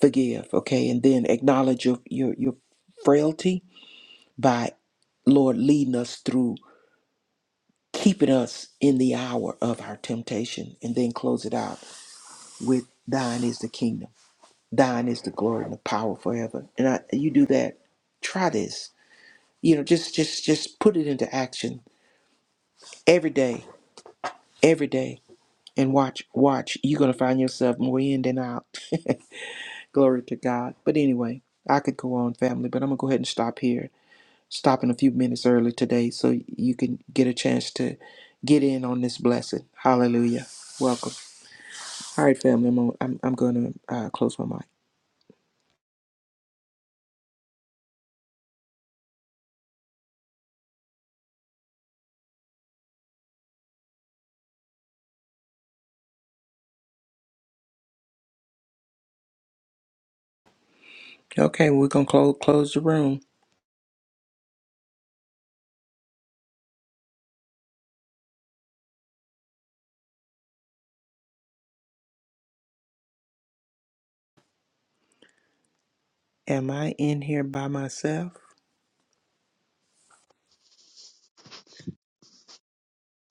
Speaker 3: forgive, okay, and then acknowledge your your, your frailty by Lord leading us through, keeping us in the hour of our temptation, and then close it out with Thine is the kingdom, Thine is the glory and the power forever. And I, you do that. Try this. You know, just just just put it into action every day, every day, and watch watch. You're gonna find yourself more in than out. *laughs* Glory to God. But anyway, I could go on, family, but I'm going to go ahead and stop here. Stopping a few minutes early today so you can get a chance to get in on this blessing. Hallelujah. Welcome. All right, family, I'm, I'm, I'm going to uh, close my mic. Okay, we're going to close, close the room. Am I in here by myself?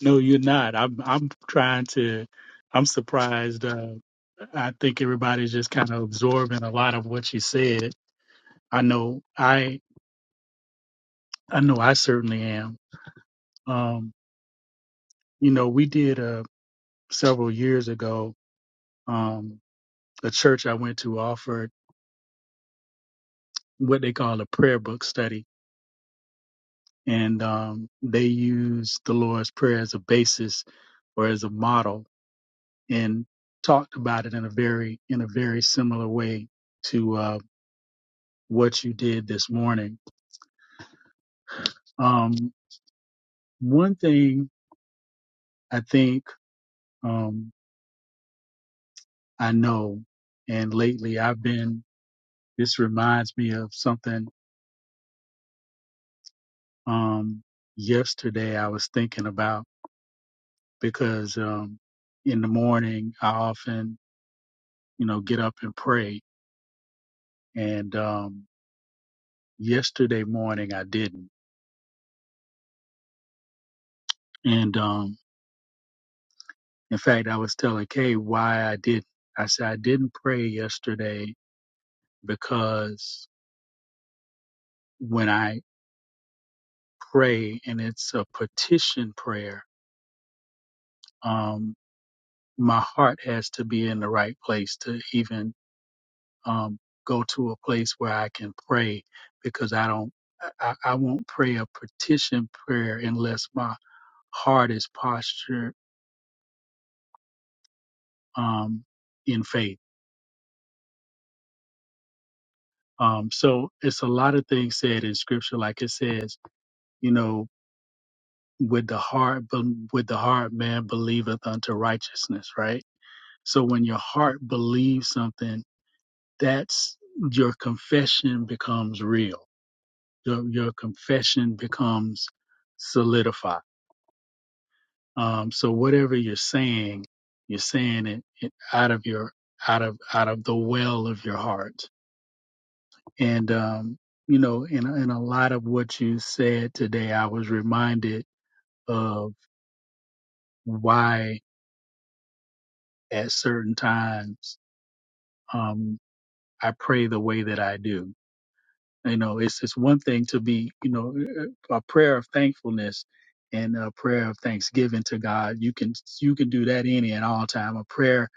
Speaker 4: No, you're not. I'm I'm trying to I'm surprised. Uh I think everybody's just kind of absorbing a lot of what you said. I know I I know I certainly am. Um, you know, we did uh several years ago, um, a church I went to offered what they call a prayer book study. And um they used the Lord's Prayer as a basis or as a model and talked about it in a very in a very similar way to uh, what you did this morning. Um, one thing I think um, I know, and lately I've been. This reminds me of something um, yesterday I was thinking about because um, in the morning I often you know get up and pray, and um, yesterday morning I didn't, and um, In fact, I was telling Kay why I didn't. I said I didn't pray yesterday because when I pray and it's a petition prayer, um, my heart has to be in the right place to even um, go to a place where I can pray because I don't. I, I won't pray a petition prayer unless my heart is postured um, in faith. Um, so it's a lot of things said in scripture, like it says, you know, with the heart be- with the heart man believeth unto righteousness right so when your heart believes something that's your confession becomes real your, your confession becomes solidified um so whatever you're saying you're saying it, it out of your out of out of the well of your heart and um you know in, in a lot of what you said today i was reminded of why at certain times um, I pray the way that I do. You know, it's it's one thing to be, you know, a prayer of thankfulness and a prayer of thanksgiving to God. You can you can do that any and all time. A prayer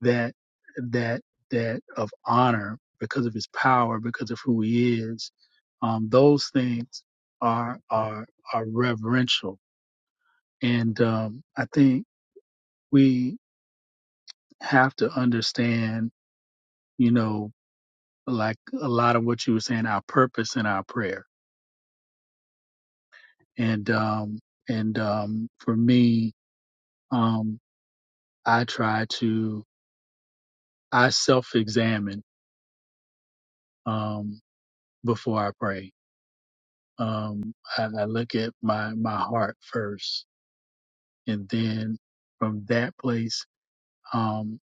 Speaker 4: that that that of honor because of His power, because of who He is. Um, those things are are are reverential, and um, I think we have to understand. You know, like a lot of what you were saying, our purpose in our prayer. And um and um for me, um I try to I self examine um before I pray. Um I, I look at my my heart first and then from that place um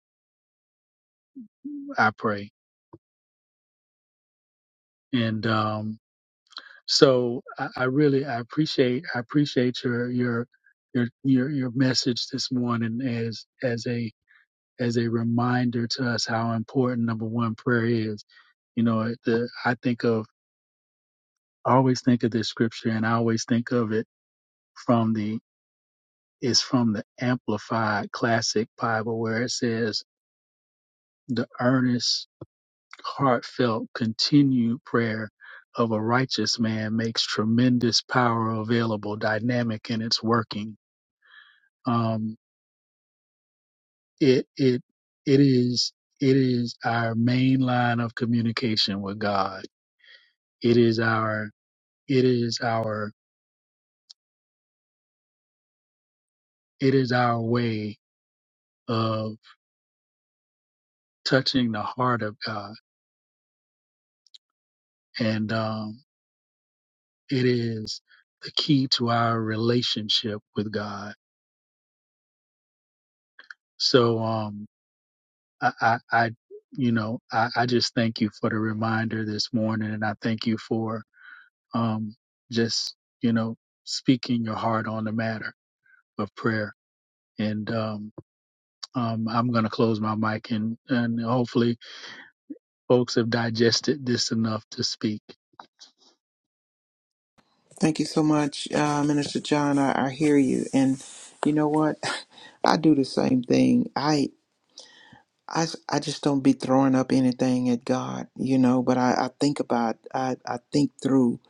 Speaker 4: I pray. And um so I, I really I appreciate I appreciate your your your your your message this morning as as a as a reminder to us how important number one prayer is. You know, the I think of I always think of this scripture and I always think of it from the it's from the amplified classic Bible where it says the earnest, heartfelt, continued prayer of a righteous man makes tremendous power available, dynamic in its working. Um it it it is it is our main line of communication with God It is our it is our it is our way of touching the heart of God, and um, it is the key to our relationship with God. So um, I, I, I you know I, I just thank you for the reminder this morning, and I thank you for um, just you know speaking your heart on the matter of prayer. And um, um, I'm going to close my mic and and hopefully folks have digested this enough to speak.
Speaker 3: Thank you so much, uh, Minister John. I, I hear you. And you know what? *laughs* I do the same thing. I I, s- I just don't be throwing up anything at God, you know, but I, I think about, I, I think through,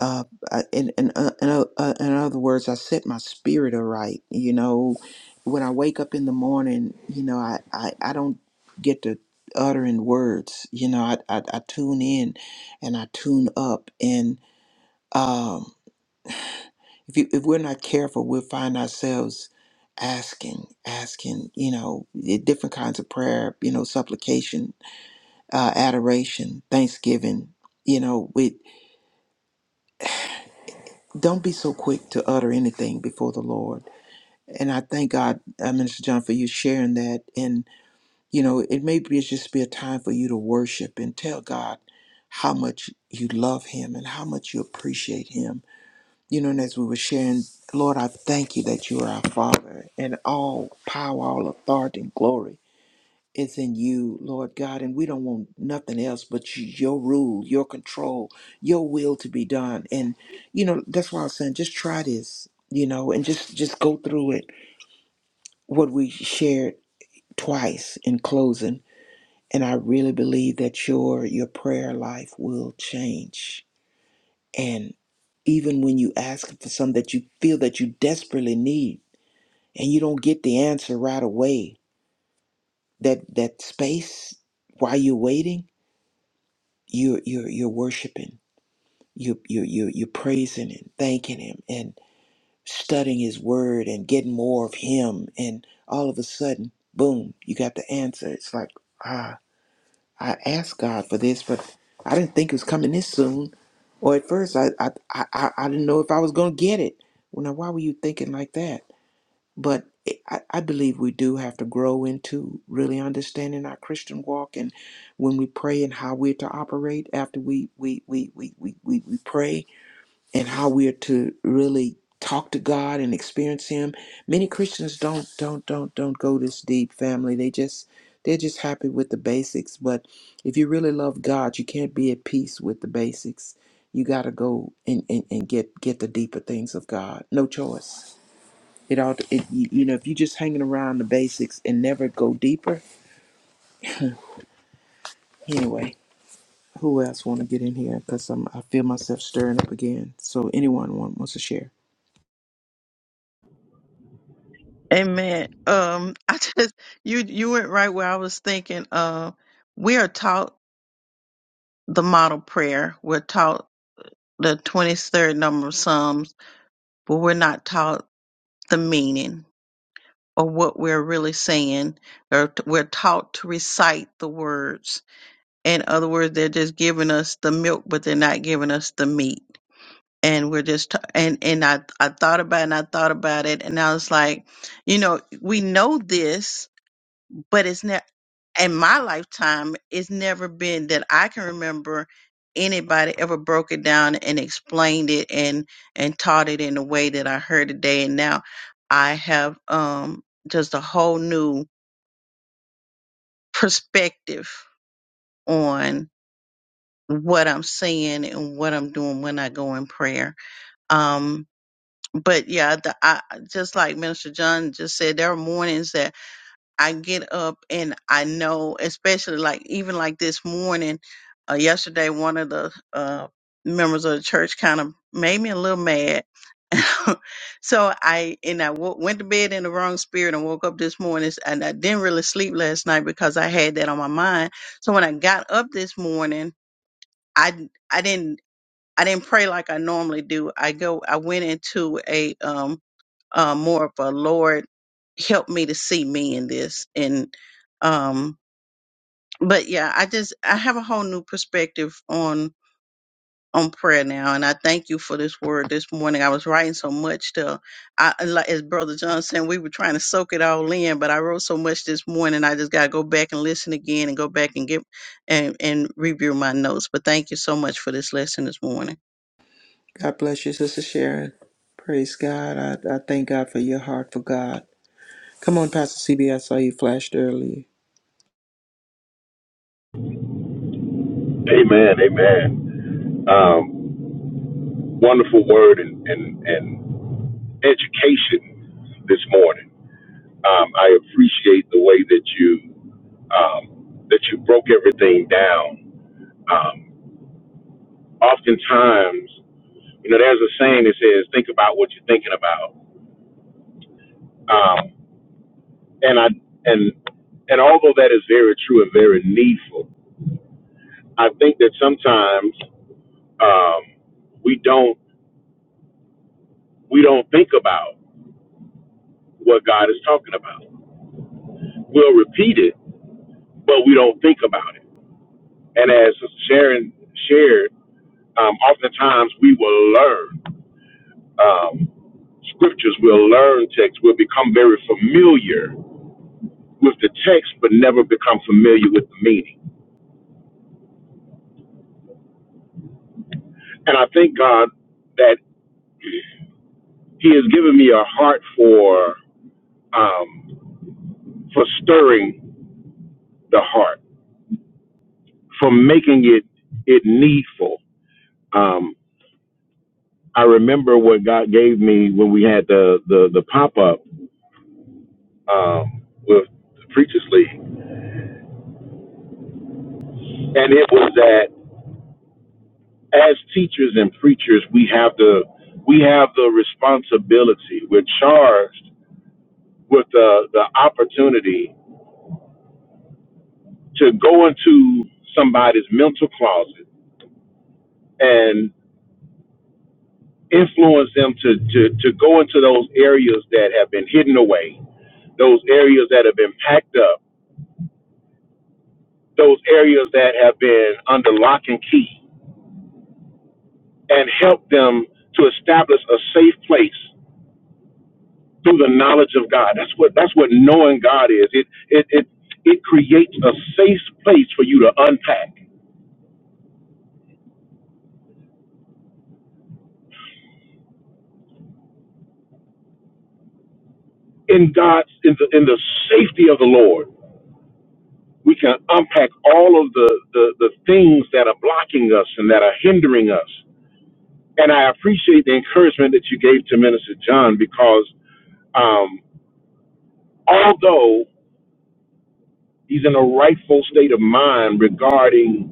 Speaker 3: uh, I- in, in, uh, in, o- uh, in other words, I set my spirit aright, you know, when I wake up in the morning, you know, I, I, I don't get to uttering words, you know, I, I, I tune in and I tune up and, um, if you, if we're not careful, we'll find ourselves asking, asking, you know, different kinds of prayer, you know, supplication, uh, adoration, thanksgiving. You know, we don't be so quick to utter anything before the Lord. And I thank God, uh, Minister John, for you sharing that. And you know, it may be it's just be a time for you to worship and tell God how much you love Him and how much you appreciate Him. You know, and as we were sharing, Lord, I thank you that you are our Father and all power, all authority, and glory It's in you, Lord God, and we don't want nothing else but you, your rule, your control, your will to be done. And you know that's why I'm saying just try this, you know, and just just go through it. What we shared twice in closing, and I really believe that your your prayer life will change. And even when you ask for something that you feel that you desperately need, and you don't get the answer right away, that that space while you're waiting you're you're you're worshiping you you you you're praising and thanking him and studying his word and getting more of him and all of a sudden boom you got the answer it's like ah i asked god for this but i didn't think it was coming this soon or at first i i i, I I didn't know if i was gonna get it well now why were you thinking like that but it- I, I believe we do have to grow into really understanding our Christian walk and when we pray and how we're to operate after we we we we we, we, we pray and how we're to really talk to God and experience him. Many Christians don't don't don't don't go this deep family. They just they're just happy with the basics. But if you really love God, you can't be at peace with the basics. You gotta go and, and, and get get the deeper things of God. No choice it all, it, you you know, if you're just hanging around the basics and never go deeper. Anyway, who else want to get in here? Because I'm, I feel myself stirring up again. So anyone want, wants to share?
Speaker 5: Amen. Um, *laughs* I just you you went right where I was thinking. Uh, we are taught the model prayer. We're taught the twenty third number of Psalms, but we're not taught the meaning or what we're really saying. Or t- we're taught to recite the words. In other words, they're just giving us the milk, but they're not giving us the meat. and we're just t- and and I I thought about it and I thought about it and I was like, you know, we know this, but it's never in my lifetime. It's never been that I can remember anybody ever broke it down and explained it and and taught it in the way that I heard today. And now I have um just a whole new perspective on what I'm seeing and what I'm doing when I go in prayer. Um but yeah, the, I just like Minister John just said, there are mornings that I get up and I know, especially like even like this morning, uh, yesterday, one of the uh, members of the church kind of made me a little mad. *laughs* so I and I w- went to bed in the wrong spirit and woke up this morning and I didn't really sleep last night because I had that on my mind. So when I got up this morning, I I didn't. I didn't pray like I normally do. I go, I went into a um, uh, more of a Lord, help me to see me in this. And um, but yeah, I just I have a whole new perspective on on prayer now, and I thank you for this word this morning. I was writing so much to, I like as Brother John said, we were trying to soak it all in, but I wrote so much this morning. I just got to go back and listen again, and go back and get and and review my notes. But thank you so much for this lesson this morning.
Speaker 3: God bless you, Sister Sharon. Praise God. I, I thank God for your heart for God. Come on, Pastor C B. I saw you flashed earlier.
Speaker 2: Amen. Amen. Um, wonderful word and, and, and education this morning. Um, I appreciate the way that you um, that you broke everything down. Um, oftentimes, you know, there's a saying that says, "Think about what you're thinking about." Um, and I and and although that is very true and very needful, I think that sometimes um, we don't we don't think about what God is talking about. We'll repeat it but we don't think about it. And as Sister Sharon shared, um, oftentimes we will learn um, scriptures, we'll learn texts, we'll become very familiar with the text, but never become familiar with the meaning. And I thank God that He has given me a heart for um, for stirring the heart, for making it it needful. Um, I remember what God gave me when we had the the, the pop up um, with the Preachers League and it was that as teachers and preachers, we have the we have the responsibility. We're charged with the the opportunity to go into somebody's mental closet and influence them to to to go into those areas that have been hidden away, those areas that have been packed up, those areas that have been under lock and key, and help them to establish a safe place through the knowledge of God. That's what that's what knowing God is. It it it it creates a safe place for you to unpack in God's in the in the safety of the Lord. We can unpack all of the the, the things that are blocking us and that are hindering us. And I appreciate the encouragement that you gave to Minister John because um, although he's in a rightful state of mind regarding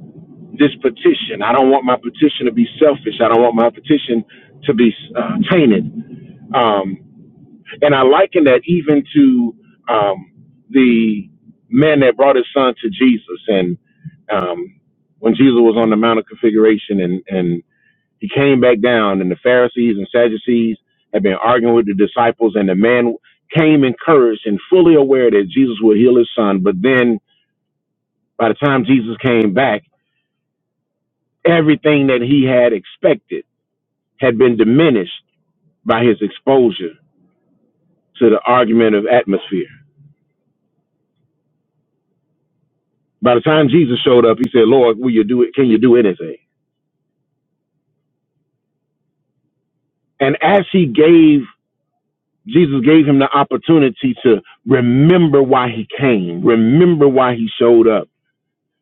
Speaker 2: this petition. I don't want my petition to be selfish. I don't want my petition to be uh, tainted. Um, and I liken that even to um, the man that brought his son to Jesus. And um, when Jesus was on the Mount of Configuration and, and he came back down, and the Pharisees and Sadducees had been arguing with the disciples, and the man came encouraged and fully aware that Jesus would heal his son. But then by the time Jesus came back, everything that he had expected had been diminished by his exposure to the argument of atmosphere. By the time Jesus showed up, he said, Lord, will you do it? Can you do anything? And as he gave, Jesus gave him the opportunity to remember why he came, remember why he showed up,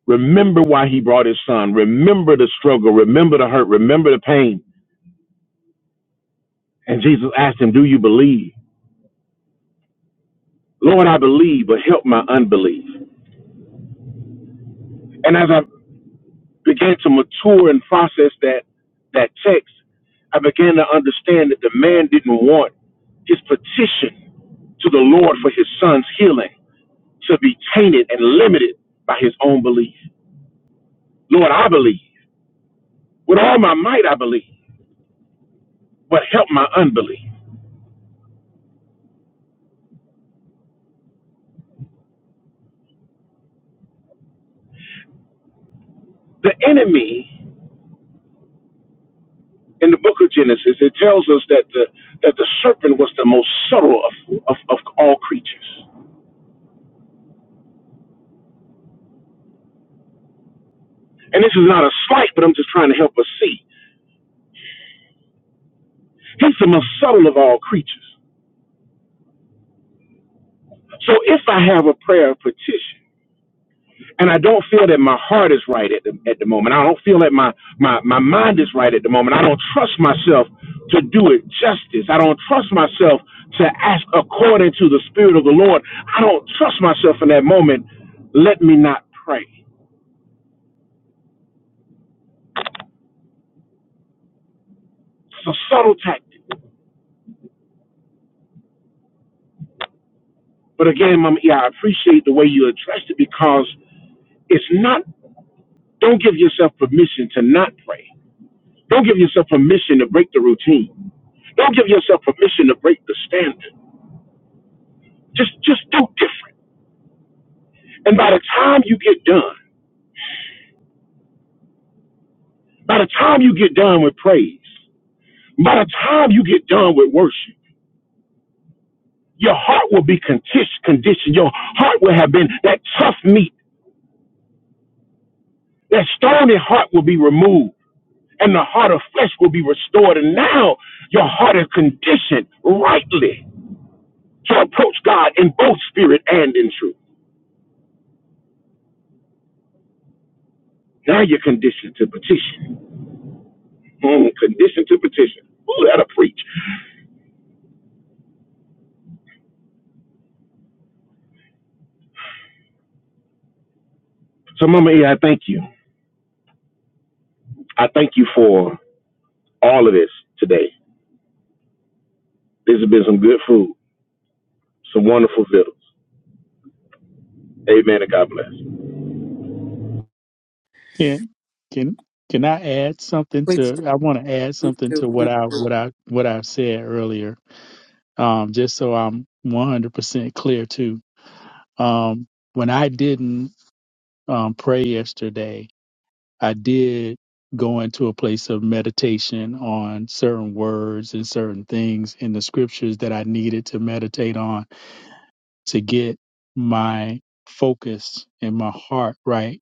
Speaker 2: remember why he brought his son, remember the struggle, remember the hurt, remember the pain. And Jesus asked him, Do you believe? Lord, I believe, but help my unbelief. And as I began to mature and process that that text, I began to understand that the man didn't want his petition to the Lord for his son's healing to be tainted and limited by his own belief. Lord, I believe. With all my might, I believe, but help my unbelief. The enemy in the book of Genesis, it tells us that the, that the serpent was the most subtle of, of, of all creatures. And this is not a slight, but I'm just trying to help us see. He's the most subtle of all creatures. So if I have a prayer of petition and I don't feel that my heart is right at the, at the moment, I don't feel that my, my, my mind is right at the moment, I don't trust myself to do it justice, I don't trust myself to ask according to the Spirit of the Lord, I don't trust myself in that moment, let me not pray. It's a subtle tactic. But again, Mama, E, I appreciate the way you addressed it because it's not, don't give yourself permission to not pray. Don't give yourself permission to break the routine. Don't give yourself permission to break the standard. Just just do different. And by the time you get done, by the time you get done with praise, by the time you get done with worship, your heart will be contis- conditioned. Your heart will have been that tough meat, that stony heart will be removed, and the heart of flesh will be restored. And now your heart is conditioned rightly to approach God in both spirit and in truth. Now you're conditioned to petition. Mm, conditioned to petition. Ooh, that'll preach. So, Mama E, I thank you. I thank you for all of this today. This has been some good food, some wonderful vittles. Amen and God bless.
Speaker 4: Can can can I add something
Speaker 3: Please do.
Speaker 4: to? I want to add
Speaker 3: Please
Speaker 4: something to
Speaker 3: do.
Speaker 4: what I what I what I said earlier, um, just so I'm 100 percent clear too. Um, when I didn't um, pray yesterday, I did go into a place of meditation on certain words and certain things in the scriptures that I needed to meditate on to get my focus and my heart right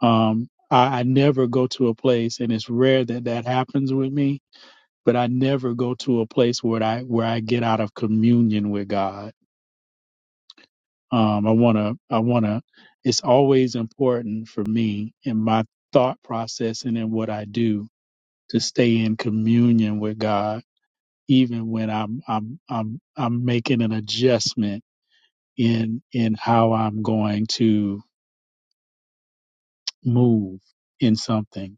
Speaker 4: Um, I, I never go to a place, and it's rare that that happens with me. But I never go to a place where I where I get out of communion with God. Um, I wanna, I wanna. It's always important for me in my thought process and in what I do to stay in communion with God, even when I'm I'm I'm I'm making an adjustment in in how I'm going to move in something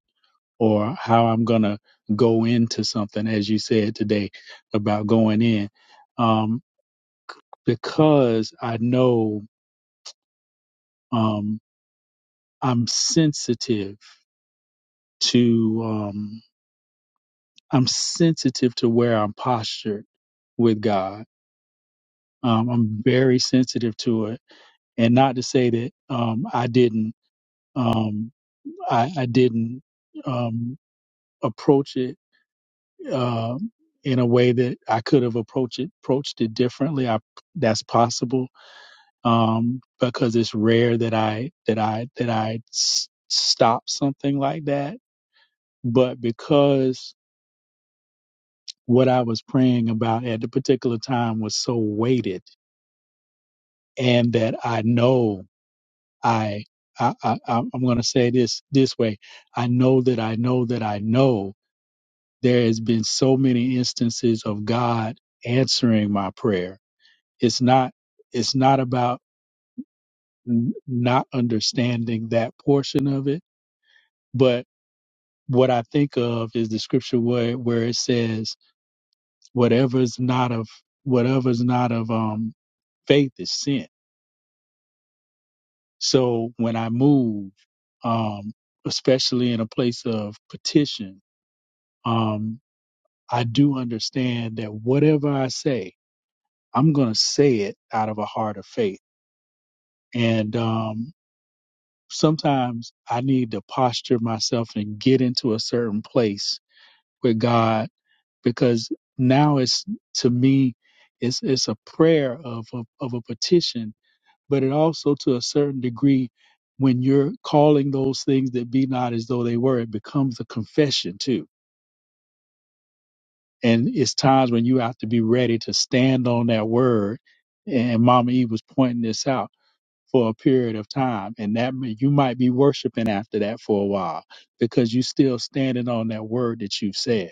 Speaker 4: or how I'm going to go into something, as you said today about going in, um, because I know um, I'm sensitive to um, I'm sensitive to where I'm postured with God. Um, I'm very sensitive to it, and not to say that um, I didn't um, I, I didn't um, approach it um, in a way that I could have approached it approached it differently. I that's possible um, because it's rare that I that I that I s- stop something like that. But because what I was praying about at the particular time was so weighted, and that I know I. I, I, I'm going to say this this way. I know that I know that I know there has been so many instances of God answering my prayer It's not it's not about n- not understanding that portion of it, but what I think of is the scripture where where it says whatever's not of whatever's not of um faith is sin. So when I move, um, especially in a place of petition, um, I do understand that whatever I say, I'm gonna say it out of a heart of faith. And um sometimes I need to posture myself and get into a certain place with God because now it's to me it's it's a prayer of a, of a petition, but it also to a certain degree when you're calling those things that be not as though they were, it becomes a confession too. And it's times when you have to be ready to stand on that word. And Mama E was pointing this out for a period of time and that may, you might be worshiping after that for a while because you are still standing on that word that you've said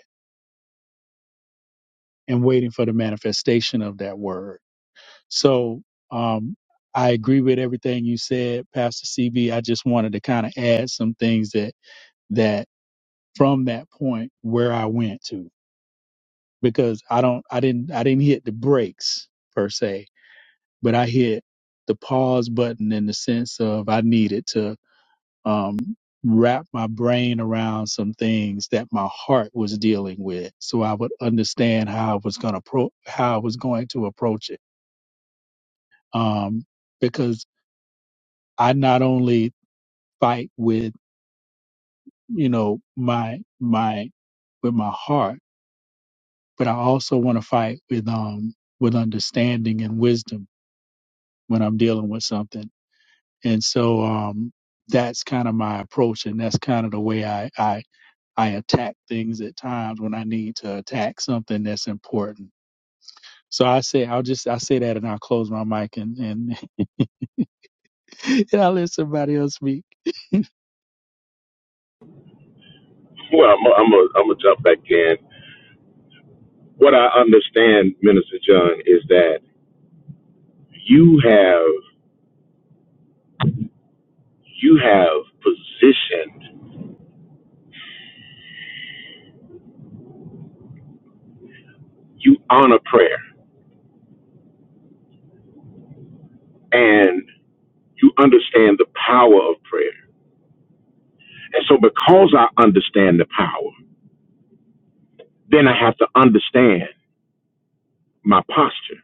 Speaker 4: and waiting for the manifestation of that word so um i agree with everything you said pastor cb i just wanted to kind of add some things that that from that point where i went to because i don't i didn't i didn't hit the brakes per se but i hit the pause button in the sense of i needed to um, wrap my brain around some things that my heart was dealing with, so I would understand how I was going to pro- how I was going to approach it. Um, because I not only fight with you know my my with my heart, but I also want to fight with um with understanding and wisdom when I'm dealing with something. And so um, that's kind of my approach, and that's kind of the way I, I I attack things at times when I need to attack something that's important. So I say I'll just I say that and I'll close my mic and and, *laughs* and I'll let somebody else speak.
Speaker 2: Well, I'm going I'm to am gonna jump back in. What I understand, Minister John, is that you have you have positioned, you honor prayer, and you understand the power of prayer. And so, because I understand the power, then I have to understand my posture.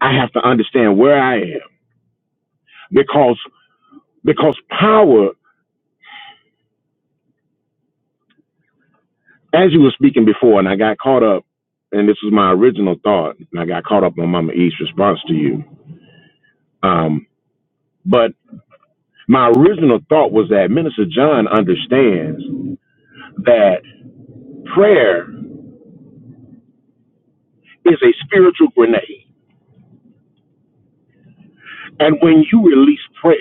Speaker 2: I have to understand where I am because Because power, as you were speaking before, and I got caught up, and this was my original thought, and I got caught up on Mama E's response to you. Um, but my original thought was that Minister John understands that prayer is a spiritual grenade. And when you release prayer,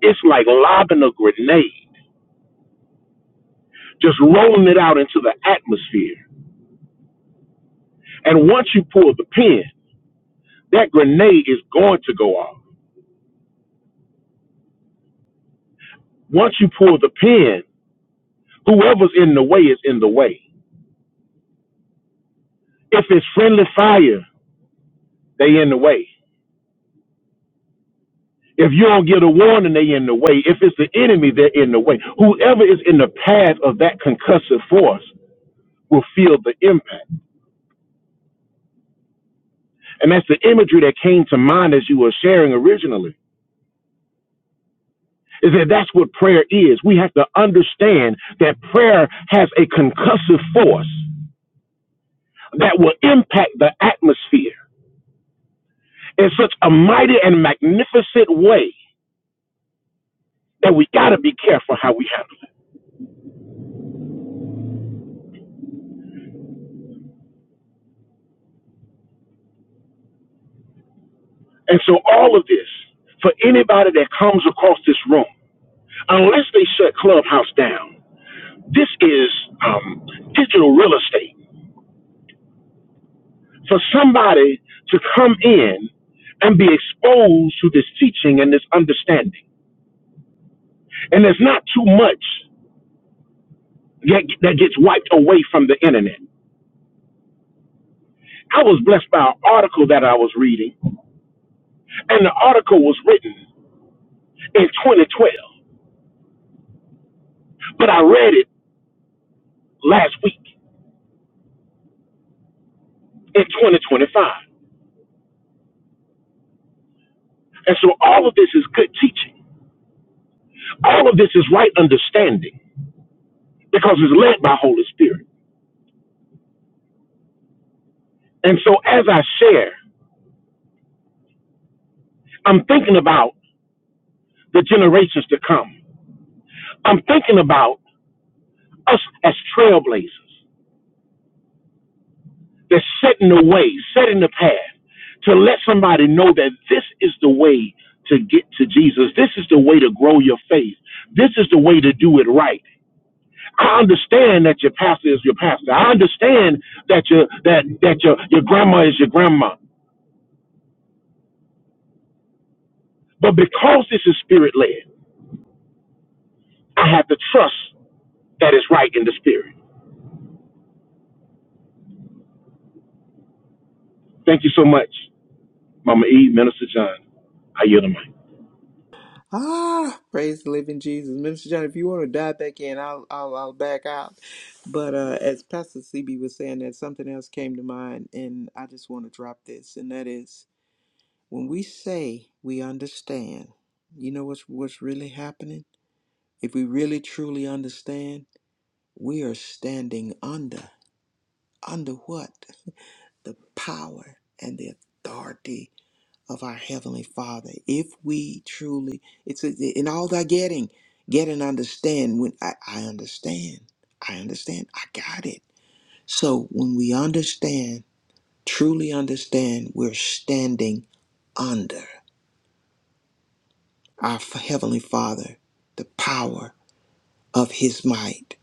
Speaker 2: it's like lobbing a grenade, just rolling it out into the atmosphere. And once you pull the pin, that grenade is going to go off. Once you pull the pin, whoever's in the way is in the way. If it's friendly fire, they in the way. If you don't get a warning, they in the way. If it's the enemy, they're in the way. Whoever is in the path of that concussive force will feel the impact. And that's the imagery that came to mind as you were sharing originally. Is that that's what prayer is. We have to understand that prayer has a concussive force that will impact the atmosphere in such a mighty and magnificent way that we got to be careful how we handle. it. And so all of this for anybody that comes across this room, unless they shut Clubhouse down, this is um, digital real estate. For somebody to come in and be exposed to this teaching and this understanding, and there's not too much that, that gets wiped away from the internet. I was blessed by an article that I was reading, and the article was written in 2012, but I read it last week in 2025. And so all of this is good teaching. All of this is right understanding because it's led by Holy Spirit. And so as I share, I'm thinking about the generations to come. I'm thinking about us as trailblazers that setting the way, setting the path to let somebody know that this is the way to get to Jesus. This is the way to grow your faith. This is the way to do it right. I understand that your pastor is your pastor. I understand that your that that your your grandma is your grandma. But because this is spirit led, I have to trust that it's right in the spirit. Thank you so much, Mama E, Minister John. I yield the mic.
Speaker 3: Ah, praise the living Jesus. Minister John, if you want to dive back in, I'll I'll I'll back out. But uh as Pastor CB was saying that something else came to mind and I just want to drop this, and that is when we say we understand, you know what's what's really happening? If we really truly understand, we are standing under under what? The power and the authority of our Heavenly Father. If we truly, it's in all thy getting, get and understand. When I, I understand, I understand, I got it. So when we understand, truly understand, we're standing under our F- Heavenly Father, the power of His might.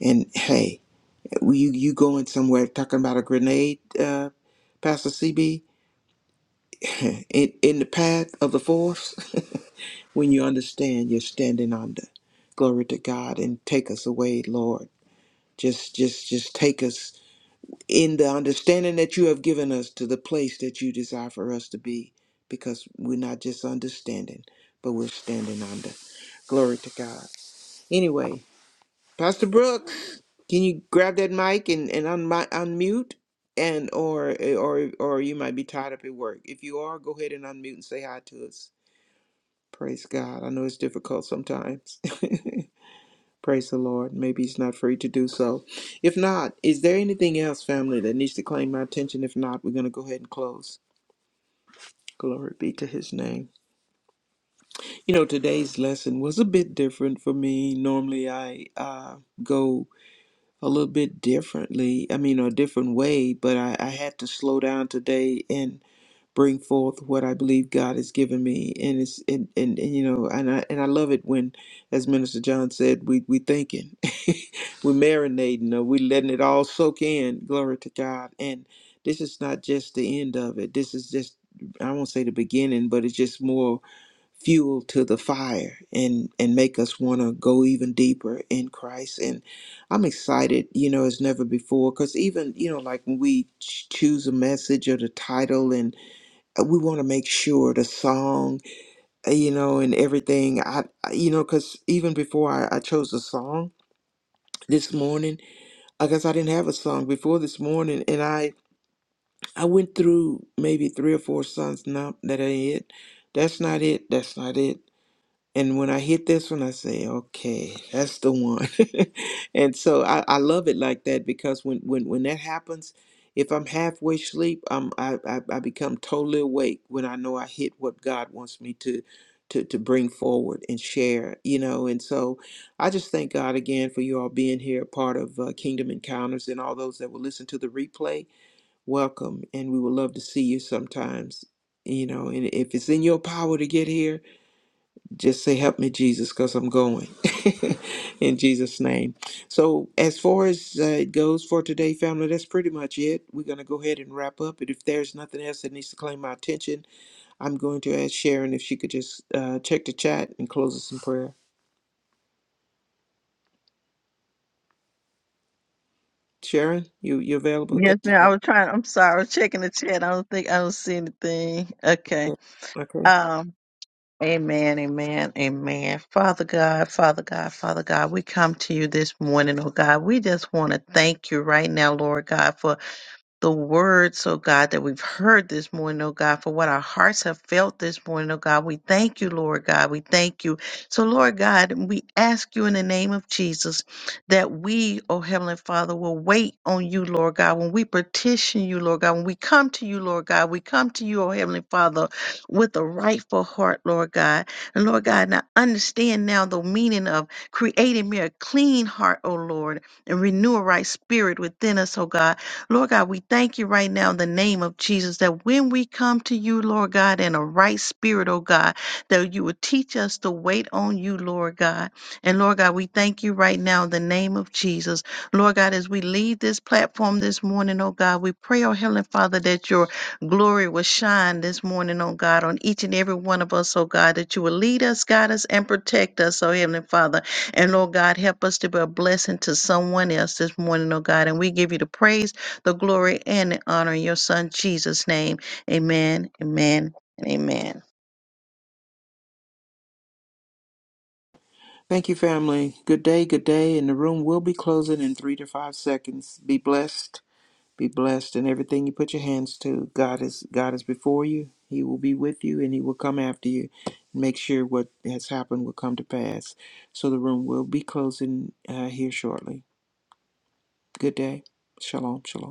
Speaker 3: And hey, you you going somewhere talking about a grenade, uh, Pastor CB, *laughs* in in the path of the force? *laughs* when you understand you're standing under. Glory to God and take us away, Lord. Just just just take us in the understanding that you have given us to the place that you desire for us to be because we're not just understanding, but we're standing under. Glory to God. Anyway, Pastor Brooks, can you grab that mic and and unmi- unmute and or or or you might be tied up at work. If you are, go ahead and unmute and say hi to us. Praise God. I know it's difficult sometimes. *laughs* Praise the Lord. Maybe he's not free to do so. If not, is there anything else, family, that needs to claim my attention? If not, we're going to go ahead and close. Glory be to his name. You know, today's lesson was a bit different for me. Normally, I uh, go a little bit differently, I mean, a different way, but I, I had to slow down today and. bring forth what I believe God has given me. And it's and, and, and you know, and I and I love it when, as Minister John said, we we thinking, *laughs* we're marinating, or we letting it all soak in. Glory to God. And this is not just the end of it. This is just I won't say the beginning, but it's just more fuel to the fire and and make us want to go even deeper in Christ. And I'm excited, you know, as never before. Because even you know, like when we ch- choose a message or the title and uh, we want to make sure the song, uh, you know, and everything. I, I- you know, because even before I, I chose the song this morning, I guess I didn't have a song before this morning, and I I went through maybe three or four songs. No, that ain't it. That's not it. That's not it. And when I hit this one, I say, okay, that's the one. *laughs* and so I, I love it like that because when, when, when that happens, if I'm halfway asleep, I'm, I, I, I become totally awake when I know I hit what God wants me to, to, to bring forward and share, you know. And so I just thank God again for you all being here, part of uh, Kingdom Encounters, and all those that will listen to the replay. Welcome, and we would love to see you sometimes, you know. And if it's in your power to get here, just say help me jesus because i'm going *laughs* in jesus name so as far as uh, it goes for today family that's pretty much it we're going to go ahead and wrap up but if there's nothing else that needs to claim my attention i'm going to ask sharon if she could just uh, check the chat and close us in prayer sharon you you available there
Speaker 5: Yes,
Speaker 3: you
Speaker 5: ma'am. I
Speaker 3: are.
Speaker 5: was trying. I'm sorry. I was checking the chat. I don't think I don't see anything. Okay.
Speaker 3: Yeah. okay
Speaker 5: Um. Amen. Amen. Amen. Father God, Father God, Father God, we come to you this morning, oh God. We just want to thank you right now, Lord God, for the words, oh God, that we've heard this morning, oh God, for what our hearts have felt this morning, oh God. We thank you, Lord God. We thank you. So, Lord God, we ask you in the name of Jesus that we, oh Heavenly Father, will wait on you, Lord God. When we petition you, Lord God, when we come to you, Lord God, we come to you, oh Heavenly Father, with a rightful heart, Lord God. And Lord God, now understand now the meaning of creating me a clean heart, oh Lord, and renew a right spirit within us, oh God. Lord God, we thank you right now in the name of Jesus that when we come to you, Lord God, in a right spirit, oh God, that you would teach us to wait on you, Lord God. And Lord God, we thank you right now in the name of Jesus. Lord God, as we leave this platform this morning, oh God, we pray, oh Heavenly Father, that your glory will shine this morning, oh God, on each and every one of us, oh God, that you will lead us, guide us, and protect us, oh Heavenly Father. And Lord God, help us to be a blessing to someone else this morning, oh God. And we give you the praise the glory and the honor in your son Jesus' name. Amen, amen, and amen.
Speaker 3: thank you family good day good day and the room will be closing in three to five seconds be blessed Be blessed in everything you put your hands to. God is God is before you. He will be with you and he will come after you. Make sure what has happened will come to pass. So the room will be closing uh, here shortly. Good day. Shalom. Shalom.